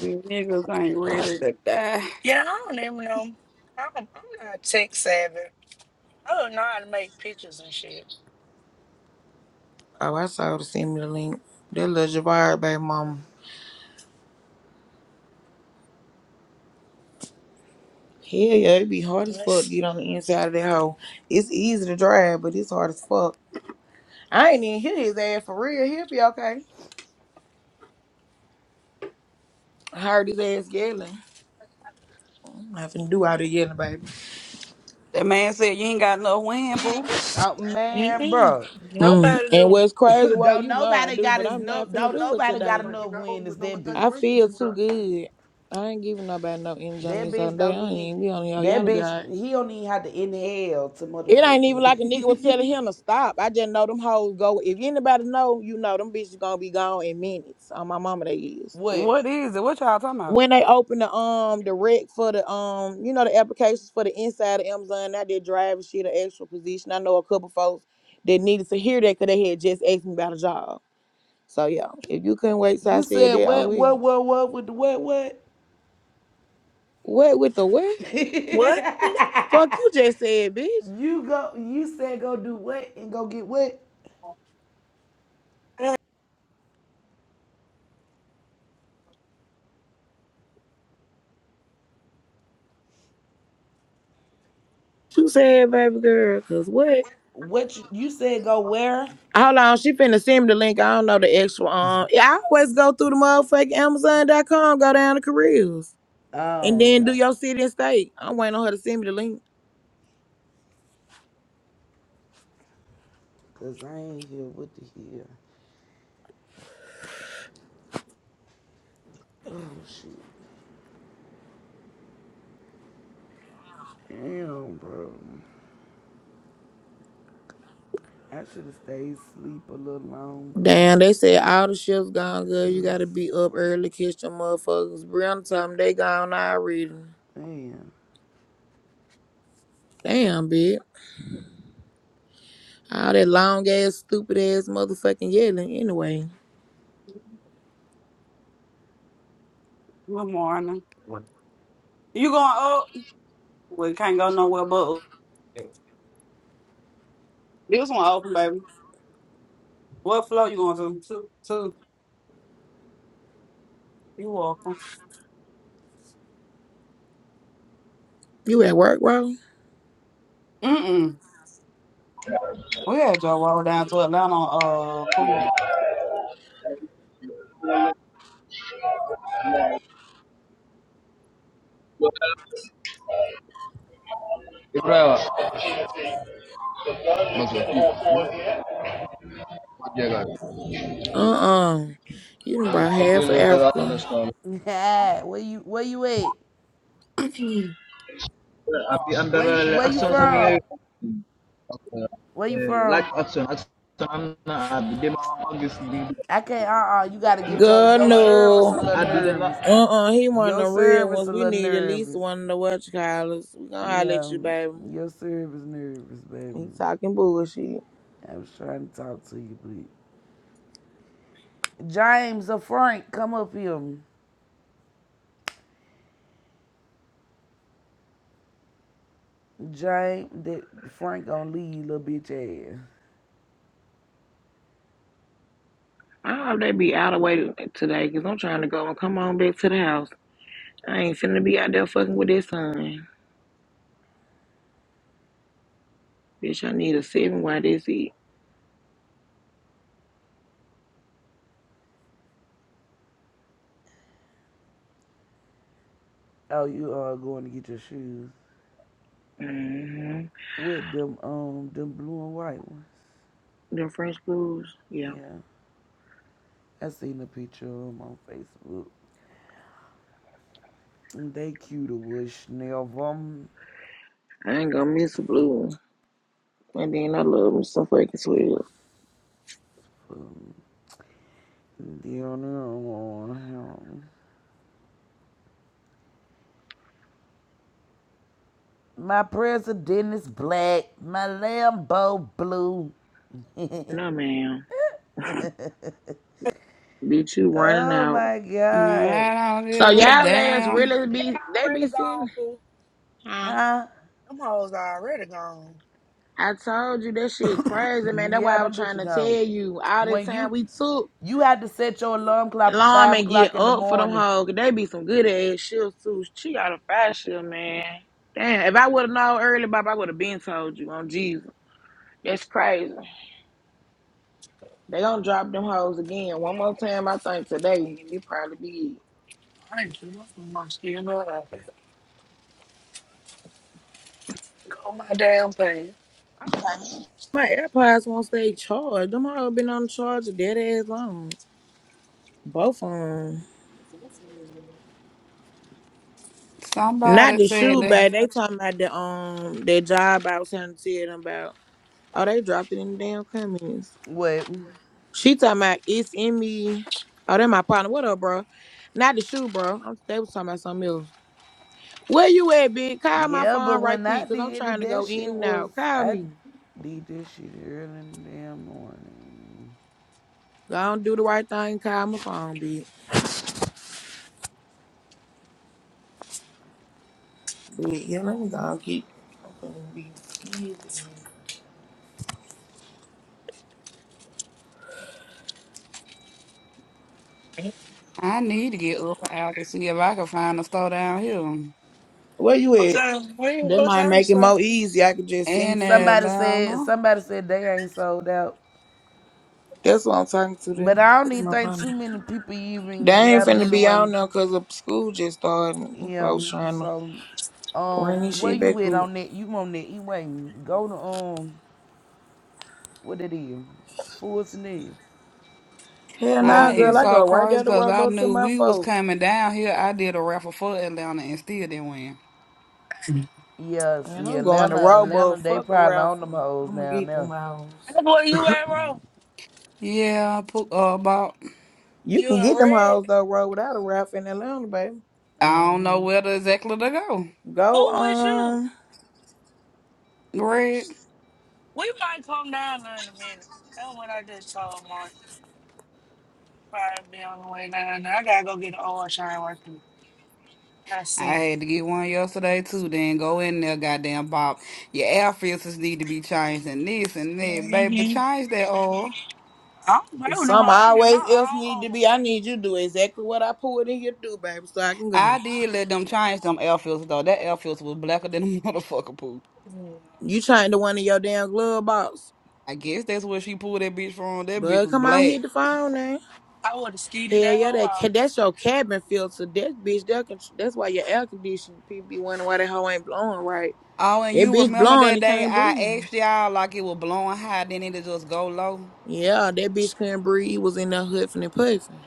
Speaker 16: You niggas ain't ready to die.
Speaker 6: Yeah, I don't even know. I don't, I'm not tech savvy. I don't know how to make pictures and shit.
Speaker 1: Oh, I saw her to send me the link. That little Javard baby
Speaker 6: So,
Speaker 1: mama. Hell yeah, it be hard as fuck to
Speaker 6: Let's.
Speaker 1: get on the inside of that hole. It's easy to drive, but it's hard as fuck. I ain't even hear his ass for real. He'll be okay. I heard his ass yelling. I'm not finna do all the yelling, baby.
Speaker 16: That man said you ain't got no wind, poo.
Speaker 5: Oh
Speaker 6: see.
Speaker 5: man,
Speaker 6: Mm-mm.
Speaker 5: bro.
Speaker 1: Mm.
Speaker 6: Nobody
Speaker 1: And
Speaker 6: do.
Speaker 1: what's
Speaker 5: [COUGHS]
Speaker 1: crazy, bro,
Speaker 5: don't
Speaker 1: you know I
Speaker 5: nobody
Speaker 1: do,
Speaker 5: got
Speaker 1: but
Speaker 5: as
Speaker 1: I'm
Speaker 5: no.
Speaker 1: not finna
Speaker 5: Don't
Speaker 1: do it
Speaker 5: nobody got
Speaker 1: today.
Speaker 5: enough wind as that
Speaker 1: I
Speaker 5: bitch.
Speaker 1: feel too good. I ain't giving nobody no energy on
Speaker 5: That
Speaker 1: this
Speaker 5: bitch
Speaker 1: other day.
Speaker 5: don't
Speaker 1: I ain't
Speaker 5: need
Speaker 1: even be on y'all.
Speaker 5: that
Speaker 1: Y'all be
Speaker 5: bitch
Speaker 1: alright.
Speaker 5: he don't even have to inhale to
Speaker 1: It ain't even like a nigga was telling
Speaker 5: motherfucking
Speaker 1: him to stop. I just know them hoes go. If anybody know, you know them bitches gonna be gone in minutes. On my mama, they
Speaker 5: [LAUGHS]
Speaker 1: is.
Speaker 5: what?
Speaker 16: What is it? What y'all talking about?
Speaker 1: when they open the um the rec for the um you know the applications for the inside of Amazon, I did drive and shit an extra position. I know a couple folks that needed to hear that because they had just asked me about a job. So yeah, if you couldn't wait, so I
Speaker 5: You
Speaker 1: said
Speaker 5: said
Speaker 1: that I
Speaker 5: what what
Speaker 1: will.
Speaker 5: what what with the what what?
Speaker 1: What with the what?
Speaker 5: [LAUGHS]
Speaker 6: What?
Speaker 1: Fuck you just said, bitch.
Speaker 5: you go you said go do what and go get what?
Speaker 6: Yeah,
Speaker 1: You said baby girl, cause what?
Speaker 5: What you, you said go where?
Speaker 1: Hold on, she finna send me the link. I don't know the extra um. Yeah, I always go through the motherfucking Amazon.com, go down to careers, and
Speaker 5: Oh
Speaker 1: then do
Speaker 5: okay.
Speaker 1: your city and state. I'm waiting on her to send me the link.
Speaker 5: Cause I ain't here with the here. Oh shit. Damn bro. I should have stayed asleep a little longer.
Speaker 1: Damn, they said all the shifts gone good. You
Speaker 5: Cause
Speaker 1: gotta be up early, catch them motherfuckers. Brianna told me they gone already.
Speaker 5: man.
Speaker 1: Damn, bitch. All that long ass, stupid ass motherfucking yelling. Anyway,
Speaker 16: Good morning. You going? up? We can't go nowhere but up. this one open, baby. What floor you going to? Two, two. You welcome.
Speaker 1: you at work, bro?
Speaker 16: Mm-mm. We had to walk down to Atlanta on uh poop.
Speaker 17: Ibrahim, I'm happy to be here.
Speaker 1: Uh-uh. You done
Speaker 17: I'm
Speaker 1: brought
Speaker 17: happy
Speaker 1: half
Speaker 17: to
Speaker 1: of
Speaker 17: be
Speaker 1: Africa.
Speaker 17: here. I'm
Speaker 5: Yeah, where you where you at?
Speaker 16: [CLEARS THROAT] and
Speaker 17: happy. I'm
Speaker 5: Where you
Speaker 17: very happy.
Speaker 5: where you
Speaker 17: Action,
Speaker 5: from?
Speaker 17: action,
Speaker 5: Where you
Speaker 17: like
Speaker 5: from?
Speaker 17: action, action. I'm happy.
Speaker 5: I can't. Uh uh You gotta get your
Speaker 1: God,
Speaker 5: your service a
Speaker 1: no.
Speaker 17: I'm
Speaker 5: little
Speaker 17: happy.
Speaker 5: nervous.
Speaker 1: Uh-uh, he one of
Speaker 5: Your
Speaker 1: the real
Speaker 5: service
Speaker 1: ones.
Speaker 5: a
Speaker 1: We
Speaker 5: little
Speaker 1: need at least
Speaker 5: nervous.
Speaker 1: one of the what you call us. We gonna holler at
Speaker 5: Yeah,
Speaker 1: you, baby.
Speaker 5: your service nervous, baby.
Speaker 1: He talking bullshit.
Speaker 5: I was trying to talk to you, but James or Frank, come up here. James, that Frank gonna leave little bitch ass.
Speaker 1: I hope they be out of way today, cause I'm trying to go and come on back to the house. I ain't finna be out there fucking with that son. Bitch, I need a seven while this eat.
Speaker 5: Oh, you are going to get your shoes
Speaker 1: Mm-hmm.
Speaker 5: with them um them blue and white ones.
Speaker 1: Them French blues, yeah.
Speaker 5: Yeah. I seen a picture of 'em on Facebook. They cute as never.
Speaker 1: I ain't gonna miss a blue. And then I love me some fucking twelve.
Speaker 5: My president is black. My Lambo blue.
Speaker 1: No
Speaker 5: [LAUGHS]
Speaker 1: ma'am. Bitch, you running
Speaker 5: oh
Speaker 1: out.
Speaker 5: my God.
Speaker 16: I don't
Speaker 1: So
Speaker 16: give
Speaker 6: they
Speaker 16: a
Speaker 1: y'all
Speaker 6: are.
Speaker 1: lads
Speaker 16: damn.
Speaker 1: really
Speaker 6: They
Speaker 1: be they be
Speaker 6: already
Speaker 1: sitting
Speaker 6: gone, Pooh.
Speaker 1: huh?
Speaker 5: Huh?
Speaker 6: Them hoes already gone.
Speaker 1: I told you that shit crazy, man. That's
Speaker 5: Yeah,
Speaker 1: why I was
Speaker 5: them
Speaker 1: trying
Speaker 5: bitches
Speaker 1: to tell
Speaker 5: gone.
Speaker 1: you all the
Speaker 5: When
Speaker 1: time
Speaker 5: you
Speaker 1: we took.
Speaker 5: you had to set your alarm clock for
Speaker 1: Alarm
Speaker 5: five
Speaker 1: and get
Speaker 5: o'clock in the
Speaker 1: up for them
Speaker 5: morning.
Speaker 1: hoes. 'cause They be some good ass shifts too. She got a fast shift, man. Damn, if I would have known early, Bob, I would have been told you on Jesus. That's crazy. They gonna drop them hoes again one more time. I think today, and it probably be.
Speaker 6: I just must you know that. Go my damn pants.
Speaker 1: it. I'm like, My AirPods won't stay charged. Them hoes been on the charger dead ass long. Both of them. Not
Speaker 16: Somebody
Speaker 1: the
Speaker 16: said
Speaker 1: shoe
Speaker 16: that
Speaker 1: bag. They talking about the um their job I was trying to tell them about. Oh, they dropped it in the damn comments.
Speaker 5: What?
Speaker 1: She talking about it's in me. Oh, that my partner. What up, bro? Not the shoe, bro. I'm they was talking about something else. Where you at, bitch? Call my
Speaker 5: Yeah, but
Speaker 1: phone right
Speaker 5: when I
Speaker 1: quick, cause I'm
Speaker 5: did it,
Speaker 1: trying to
Speaker 5: that
Speaker 1: go in
Speaker 5: shit
Speaker 1: and
Speaker 5: was
Speaker 1: out. Call
Speaker 5: I
Speaker 1: me.
Speaker 5: did this shit early in the damn morning.
Speaker 1: Go on, do the right thing. Call my phone, bitch. Bitch, yeah, let me go and get. I'm finna be busy.
Speaker 16: I need to get up out to see if I can find a store down here.
Speaker 1: Where you
Speaker 6: What
Speaker 1: at?
Speaker 6: time? What you-
Speaker 1: That
Speaker 6: what
Speaker 1: might
Speaker 6: time
Speaker 1: make
Speaker 6: is
Speaker 1: it
Speaker 6: it?
Speaker 1: more
Speaker 6: that?
Speaker 1: easy. I could just send
Speaker 16: In
Speaker 1: you.
Speaker 5: Somebody said
Speaker 16: Atlanta.
Speaker 5: somebody said they ain't sold out,
Speaker 1: That's what I'm talking to them.
Speaker 5: but I don't
Speaker 1: That's
Speaker 5: even
Speaker 1: my
Speaker 5: think
Speaker 1: partner.
Speaker 5: too many people
Speaker 1: They
Speaker 5: even
Speaker 1: ain't
Speaker 5: got them
Speaker 1: finna be
Speaker 5: anyway.
Speaker 1: out now cause the school just started.
Speaker 5: Yeah,
Speaker 1: Folks trying to
Speaker 5: so
Speaker 1: bring
Speaker 5: um,
Speaker 1: this
Speaker 5: where
Speaker 1: shit
Speaker 5: you
Speaker 1: back
Speaker 5: at
Speaker 1: up.
Speaker 5: on that? You on that? You waiting? go to um, what it is? Forest Ned.
Speaker 1: Hell nah,
Speaker 16: I
Speaker 5: Forest
Speaker 1: girl.
Speaker 16: it's
Speaker 5: Nev.
Speaker 1: I
Speaker 16: so
Speaker 1: go right
Speaker 16: crazy
Speaker 1: down the
Speaker 16: because I
Speaker 1: roadbus to
Speaker 16: knew
Speaker 1: my
Speaker 16: we was
Speaker 1: folks.
Speaker 16: coming down here. I did a raffle for Atlanta and still didn't win.
Speaker 5: Yes, Yeah,
Speaker 1: And
Speaker 5: see
Speaker 1: I'm going to
Speaker 5: Atlanta, Atlanta,
Speaker 1: roadbus,
Speaker 5: they
Speaker 1: fuck a
Speaker 5: probably on them
Speaker 1: raffle.
Speaker 5: hoes
Speaker 1: I'm going to
Speaker 5: now
Speaker 1: get them
Speaker 5: now.
Speaker 1: hoes.
Speaker 6: That's where you at, bro?
Speaker 16: Yeah, I put uh about
Speaker 1: You
Speaker 6: You
Speaker 1: can
Speaker 6: in
Speaker 1: get them
Speaker 6: red?
Speaker 1: hoes, though, road without a raffle in Atlanta, baby.
Speaker 16: I don't know where to exactly to go.
Speaker 1: Go
Speaker 6: Who with you?
Speaker 1: um.
Speaker 16: Greg,
Speaker 6: We might come down there in a minute. That's what I just told Mark. Probably be on the way down there. I gotta go get an oil shine working. I
Speaker 16: I
Speaker 6: see.
Speaker 16: had to get one yesterday too. Then go in there, goddamn Bob. Your air filters need to be changed and this and that, baby.
Speaker 6: Mm-hmm.
Speaker 16: Change that all.
Speaker 6: I don't play
Speaker 1: If
Speaker 6: with no hoe.
Speaker 1: something
Speaker 6: I get
Speaker 1: always else
Speaker 6: my own
Speaker 1: need to
Speaker 6: oil.
Speaker 1: be, I need you to do exactly what I pulled in here to do, baby, so I can go.
Speaker 16: I did let them change them air filters though. That air filter was blacker than a [LAUGHS] motherfucker poo.
Speaker 6: Yeah.
Speaker 1: You change to one of your damn glove box.
Speaker 16: I guess that's where she pulled that bitch from. That bitch
Speaker 1: But
Speaker 16: was
Speaker 1: come on,
Speaker 16: black.
Speaker 1: hit the phone now.
Speaker 6: I would have skeeted
Speaker 1: Hell
Speaker 6: that
Speaker 1: yeah,
Speaker 6: hoe
Speaker 1: that ca-
Speaker 6: out.
Speaker 1: that's your cabin filter. That bitch, that con- that's why your air conditioning people be wondering why that hoe ain't blowing right.
Speaker 16: Oh, and
Speaker 1: That
Speaker 16: you
Speaker 1: bitch
Speaker 16: remember
Speaker 1: blonde,
Speaker 16: that
Speaker 1: it
Speaker 16: day
Speaker 1: can't
Speaker 16: I
Speaker 1: breathe.
Speaker 16: asked y'all like it was blowing high, then it'll just go low.
Speaker 1: Yeah, that bitch couldn't breathe. It was in there huffing and puffing.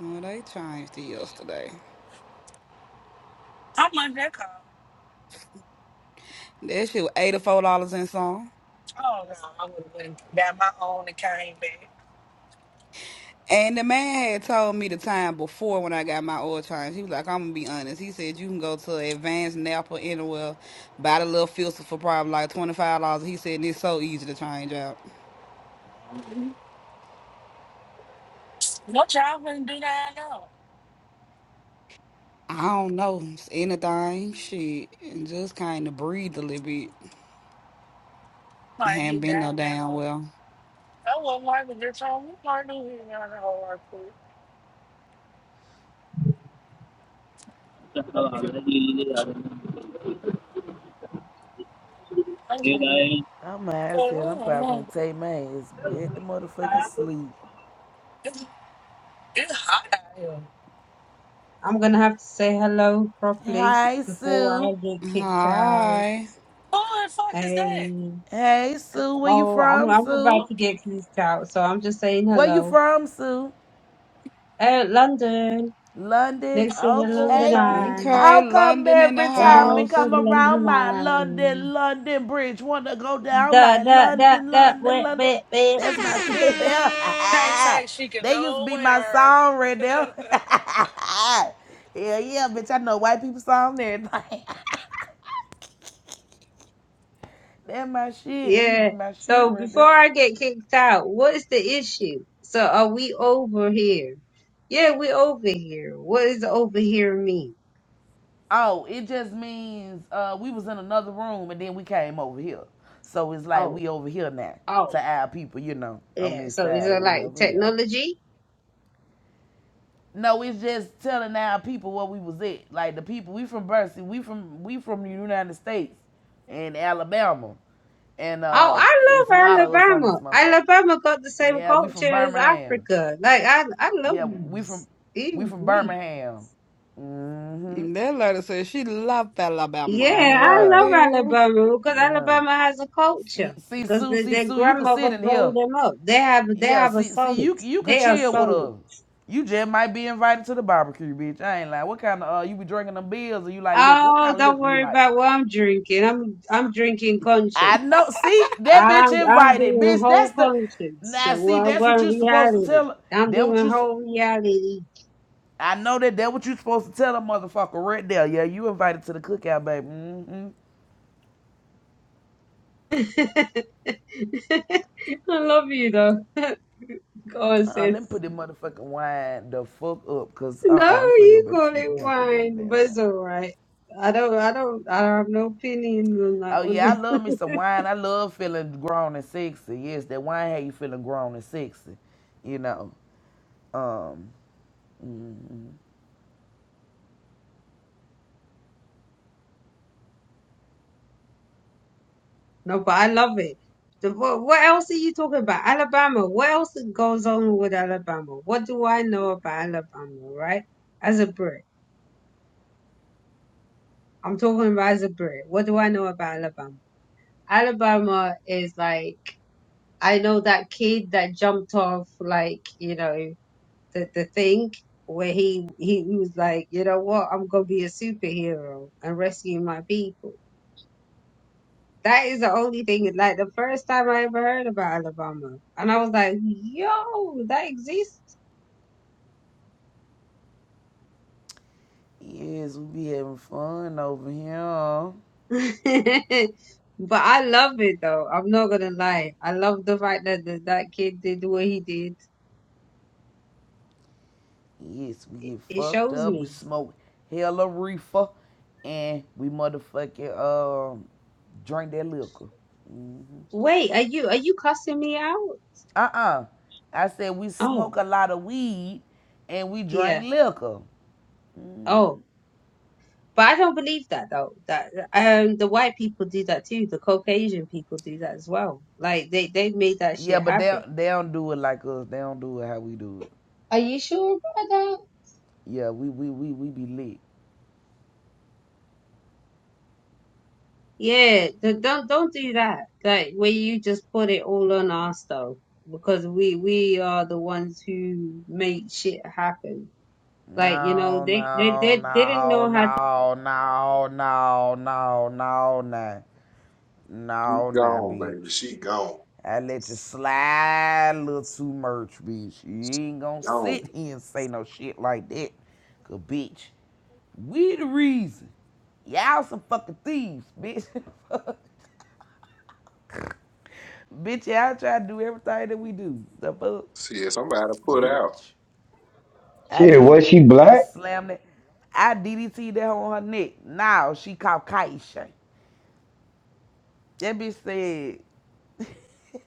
Speaker 16: Well, they changed it yesterday.
Speaker 6: How much that cost?
Speaker 16: That shit was eighty four dollars and some.
Speaker 6: Oh no, I would have went got my own and came
Speaker 16: And the man had told me the time before when I got my oil change. He was like, I'm gonna be honest. He said you can go to Advanced Napa Anywhere, buy the little filter for probably like twenty five dollars. He said and it's so easy to change out.
Speaker 6: back. No child wouldn't do that at all.
Speaker 16: I don't know, it's anything, shit, and just kind of breathe a little bit.
Speaker 6: Like he
Speaker 16: Haven't been
Speaker 6: died
Speaker 16: no
Speaker 6: in that
Speaker 16: damn
Speaker 6: hole.
Speaker 16: well.
Speaker 6: I was not like it this home. We probably knew he was down that hole right quick.
Speaker 18: Hallelujah. Hallelujah.
Speaker 6: I'm saying,
Speaker 5: I'm mad that I'm probably going take my ass back to motherfucking sleep.
Speaker 6: it's, it's hot out here.
Speaker 19: I'm gonna have to say hello properly
Speaker 5: Hey
Speaker 19: before
Speaker 5: Sue.
Speaker 19: I get kicked out.
Speaker 16: Hi,
Speaker 6: Who the fuck is that?
Speaker 19: Hey,
Speaker 5: Hey Sue, where you
Speaker 19: oh, I'm
Speaker 5: from,
Speaker 19: I'm about
Speaker 5: Sue?
Speaker 19: to get kicked out, so I'm just saying
Speaker 5: Where you
Speaker 19: hello.
Speaker 5: from, Sue?
Speaker 19: Hey, London,
Speaker 5: London,
Speaker 19: next to the
Speaker 6: Oh,
Speaker 19: London
Speaker 5: okay.
Speaker 6: okay.
Speaker 19: Eye,
Speaker 16: okay,
Speaker 5: How come
Speaker 16: London in the
Speaker 5: every
Speaker 19: all the
Speaker 5: time we
Speaker 19: way
Speaker 16: house.
Speaker 19: from
Speaker 5: come
Speaker 19: the London
Speaker 5: around my London,
Speaker 19: Line.
Speaker 5: London bridge wanna go down
Speaker 19: That
Speaker 5: like
Speaker 19: that that
Speaker 5: London,
Speaker 19: that
Speaker 5: London,
Speaker 19: wet
Speaker 5: London?
Speaker 19: wet wet.
Speaker 5: That's my
Speaker 19: [LAUGHS]
Speaker 5: shit there.
Speaker 6: Can't
Speaker 5: [LAUGHS]
Speaker 6: take she can
Speaker 5: they used to be my
Speaker 6: nowhere.
Speaker 5: song right there.
Speaker 6: [LAUGHS]
Speaker 5: [LAUGHS] Hell yeah, bitch, I know white people song and everything. [LAUGHS] That my shit. That used to
Speaker 19: Yeah.
Speaker 5: be my shit
Speaker 19: So
Speaker 5: right
Speaker 19: before
Speaker 5: there.
Speaker 19: I get kicked out, what is the issue? So are we over here? Yeah, we over here. What is over here mean?
Speaker 5: Oh, it just means uh, we was in another room and then we came over here. So it's like
Speaker 19: Oh.
Speaker 5: we over here now
Speaker 19: Oh,
Speaker 5: to our people, you know, on
Speaker 19: Yeah,
Speaker 5: this
Speaker 19: so is
Speaker 5: side or
Speaker 19: it like
Speaker 5: whatever. Yeah.
Speaker 19: technology?
Speaker 5: No, it's just telling our people what we was at. Like the people we from Bercy, we from we from the United States and Alabama, and
Speaker 19: Oh,
Speaker 5: uh,
Speaker 19: I
Speaker 5: it's a lot
Speaker 19: love
Speaker 5: of us on this
Speaker 19: Alabama.
Speaker 5: motherfucker.
Speaker 19: Alabama got the same
Speaker 5: Yeah, we from
Speaker 19: culture as
Speaker 5: Birmingham.
Speaker 19: Africa. Like I, I love
Speaker 5: Yeah, we from
Speaker 19: these.
Speaker 5: we
Speaker 19: Ew,
Speaker 5: from
Speaker 19: wee.
Speaker 5: Birmingham. Mm-hmm.
Speaker 16: That letter says she loved Alabama.
Speaker 19: Yeah,
Speaker 16: All
Speaker 19: I
Speaker 16: right
Speaker 5: Yeah,
Speaker 19: love
Speaker 16: there.
Speaker 19: Alabama because
Speaker 5: yeah.
Speaker 19: Alabama has a
Speaker 5: See,
Speaker 19: culture
Speaker 5: see,
Speaker 19: because
Speaker 5: Sue,
Speaker 19: their
Speaker 5: see,
Speaker 19: their
Speaker 5: Sue, you can sit
Speaker 19: grandmother
Speaker 5: in
Speaker 19: grew
Speaker 5: here.
Speaker 19: them up. They have, they
Speaker 5: Yeah,
Speaker 19: have a
Speaker 5: see, see,
Speaker 19: solid.
Speaker 5: you you can
Speaker 19: They are
Speaker 5: chill with
Speaker 19: solid.
Speaker 5: us. You just might be invited to the barbecue, bitch. I ain't lying. what kind of uh, you be drinking them beers or you like liquor? What
Speaker 19: Oh,
Speaker 5: kind of
Speaker 19: don't
Speaker 5: liquor you
Speaker 19: worry
Speaker 5: like?
Speaker 19: about what I'm drinking. I'm I'm drinking conscience.
Speaker 5: I know. See, that bitch
Speaker 19: I'm I'm
Speaker 5: invited,
Speaker 19: doing
Speaker 5: bitch. That's
Speaker 19: whole
Speaker 5: the.
Speaker 19: conscience.
Speaker 5: Now,
Speaker 19: So
Speaker 5: see,
Speaker 19: what
Speaker 5: that's what
Speaker 19: what
Speaker 5: you supposed to
Speaker 19: reality?
Speaker 5: tell her.
Speaker 19: I'm
Speaker 5: That what
Speaker 19: doing
Speaker 5: you. s-
Speaker 19: whole reality.
Speaker 5: I know that. That what you supposed to tell a motherfucker right there. Yeah, you invited to the cookout, baby. hmm
Speaker 19: [LAUGHS] I love you though. [LAUGHS] Go on,
Speaker 5: Uh-uh, let me
Speaker 19: sis.
Speaker 5: put this motherfucking wine the fuck up, cause
Speaker 19: No,
Speaker 5: uh-uh, I'm finna go
Speaker 19: you
Speaker 5: back to
Speaker 19: call
Speaker 5: sleep.
Speaker 19: it
Speaker 5: I'm not finna drink the
Speaker 19: wine,
Speaker 5: damn
Speaker 19: but
Speaker 5: wine.
Speaker 19: it's all right. I don't I don't I have no opinion on that
Speaker 5: Oh
Speaker 19: one.
Speaker 5: yeah, I love me some wine. I love feeling grown and sexy. Yes, that wine had you feeling grown and sexy. You know. Um mhm.
Speaker 19: No, but I love it. The, what, what else are you talking about? Alabama. What else goes on with Alabama? What do I know about Alabama, right? As a Brit, I'm talking about as a Brit. What do I know about Alabama? Alabama is like, I know that kid that jumped off, like, you know, the, the thing where he, he, he was like, you know what? I'm going to be a superhero and rescue my people That is the only thing. Like the first time I ever heard about Alabama, and I was like, "Yo, that exists."
Speaker 5: Yes, we be having fun over here.
Speaker 19: [LAUGHS] But I love it though. I'm not gonna lie. I love the fact that that, that kid did what he did.
Speaker 5: Yes, we get
Speaker 19: It
Speaker 5: fucked
Speaker 19: shows
Speaker 5: up. We
Speaker 19: me.
Speaker 5: smoke hella reefer and we motherfucking um drink that liquor.
Speaker 19: Wait, are you are you cussing me out?
Speaker 5: Uh-uh. I said we
Speaker 19: Oh,
Speaker 5: smoke a lot of weed and we drink
Speaker 19: yeah.
Speaker 5: liquor.
Speaker 19: Oh, but I don't believe that though. That um, the white people do that too. The Caucasian people do that as well. Like they they made that
Speaker 5: Yeah,
Speaker 19: shit
Speaker 5: but they
Speaker 19: happen.
Speaker 5: they don't do it like us. They don't do it how we do
Speaker 19: Are you sure about that?
Speaker 5: it. Yeah, we we we we be lit.
Speaker 19: Yeah, th- don't don't do that. Like where you just put it all on us though, because we we are the ones who make shit happen. Like you know,
Speaker 5: No,
Speaker 19: they they
Speaker 5: no,
Speaker 19: they, they didn't
Speaker 5: no,
Speaker 19: know how to
Speaker 5: no, no, no, no, no, no.
Speaker 20: She
Speaker 5: No, nah,
Speaker 20: gone, baby.
Speaker 5: bitch.
Speaker 20: She gone.
Speaker 5: I let you slide a little too much, bitch. You ain't gonna
Speaker 20: Gone.
Speaker 5: sit here and say no shit like that. Cause bitch, We the reason. Y'all some fucking thieves, bitch. [LAUGHS] bitch, y'all try to do everything that we do. The fuck?
Speaker 20: See, somebody put out.
Speaker 5: Bitch. I
Speaker 21: Shit, was
Speaker 5: did.
Speaker 21: she
Speaker 5: I
Speaker 21: black?
Speaker 5: slammed it. I DDT that on her neck. Now she Caucasian. That bitch said, [LAUGHS]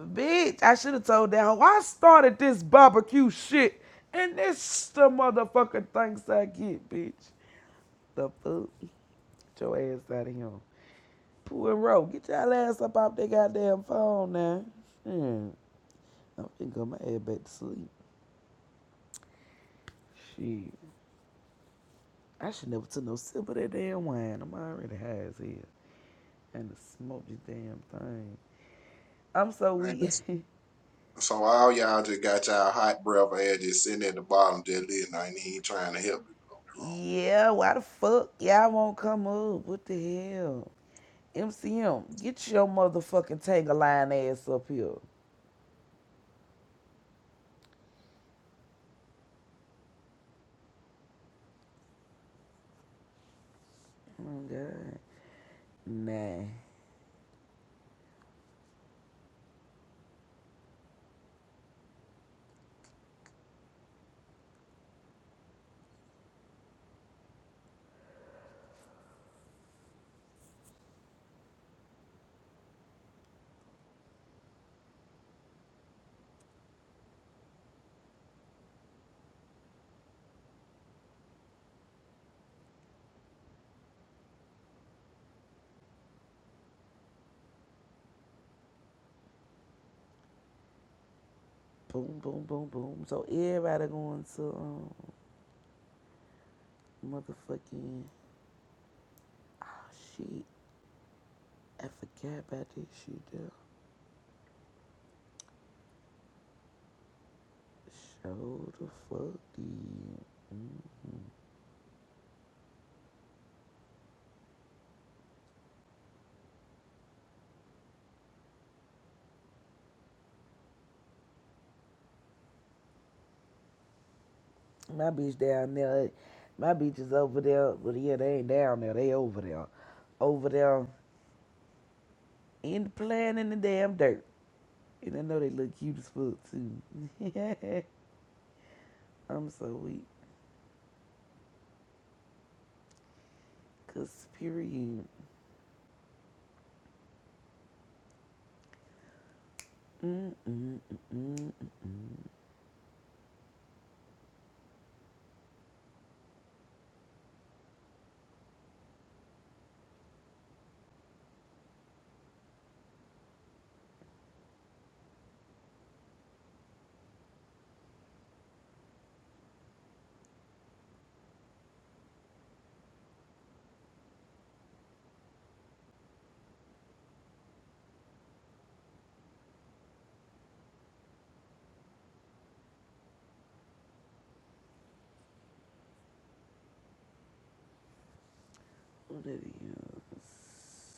Speaker 5: bitch, I should have told that hoe, I started this barbecue shit. And this the motherfucking thanks I get, bitch. The fuck? Get your ass out of here. Poirot, get y'all ass up off that goddamn phone now. Shit. I'm finna go my ass back to sleep. Shit. I should never took no sip of that damn wine. I'm already high as hell. And to smoke this damn thing. I'm so
Speaker 20: Man,
Speaker 5: weak. [LAUGHS]
Speaker 20: so all y'all just got y'all hot breath air just sitting at the bottom, just listening. I ain't even trying to help.
Speaker 5: yeah, why the fuck y'all won't come up? What the hell? MCM, get your motherfucking tangle line ass up here. Oh god. Nah. Boom, boom, boom, boom. So everybody going to um, motherfucking She, I forgot about this shit though. So the fuck did. Mm. My bitch down there, my bitch is over there, but yeah, they ain't down there, they over there. Over there in the playing in the damn dirt. And I know they look cute as fuck too. [LAUGHS] I'm so weak. Cause period. Mm-mm-mm-mm. What it is.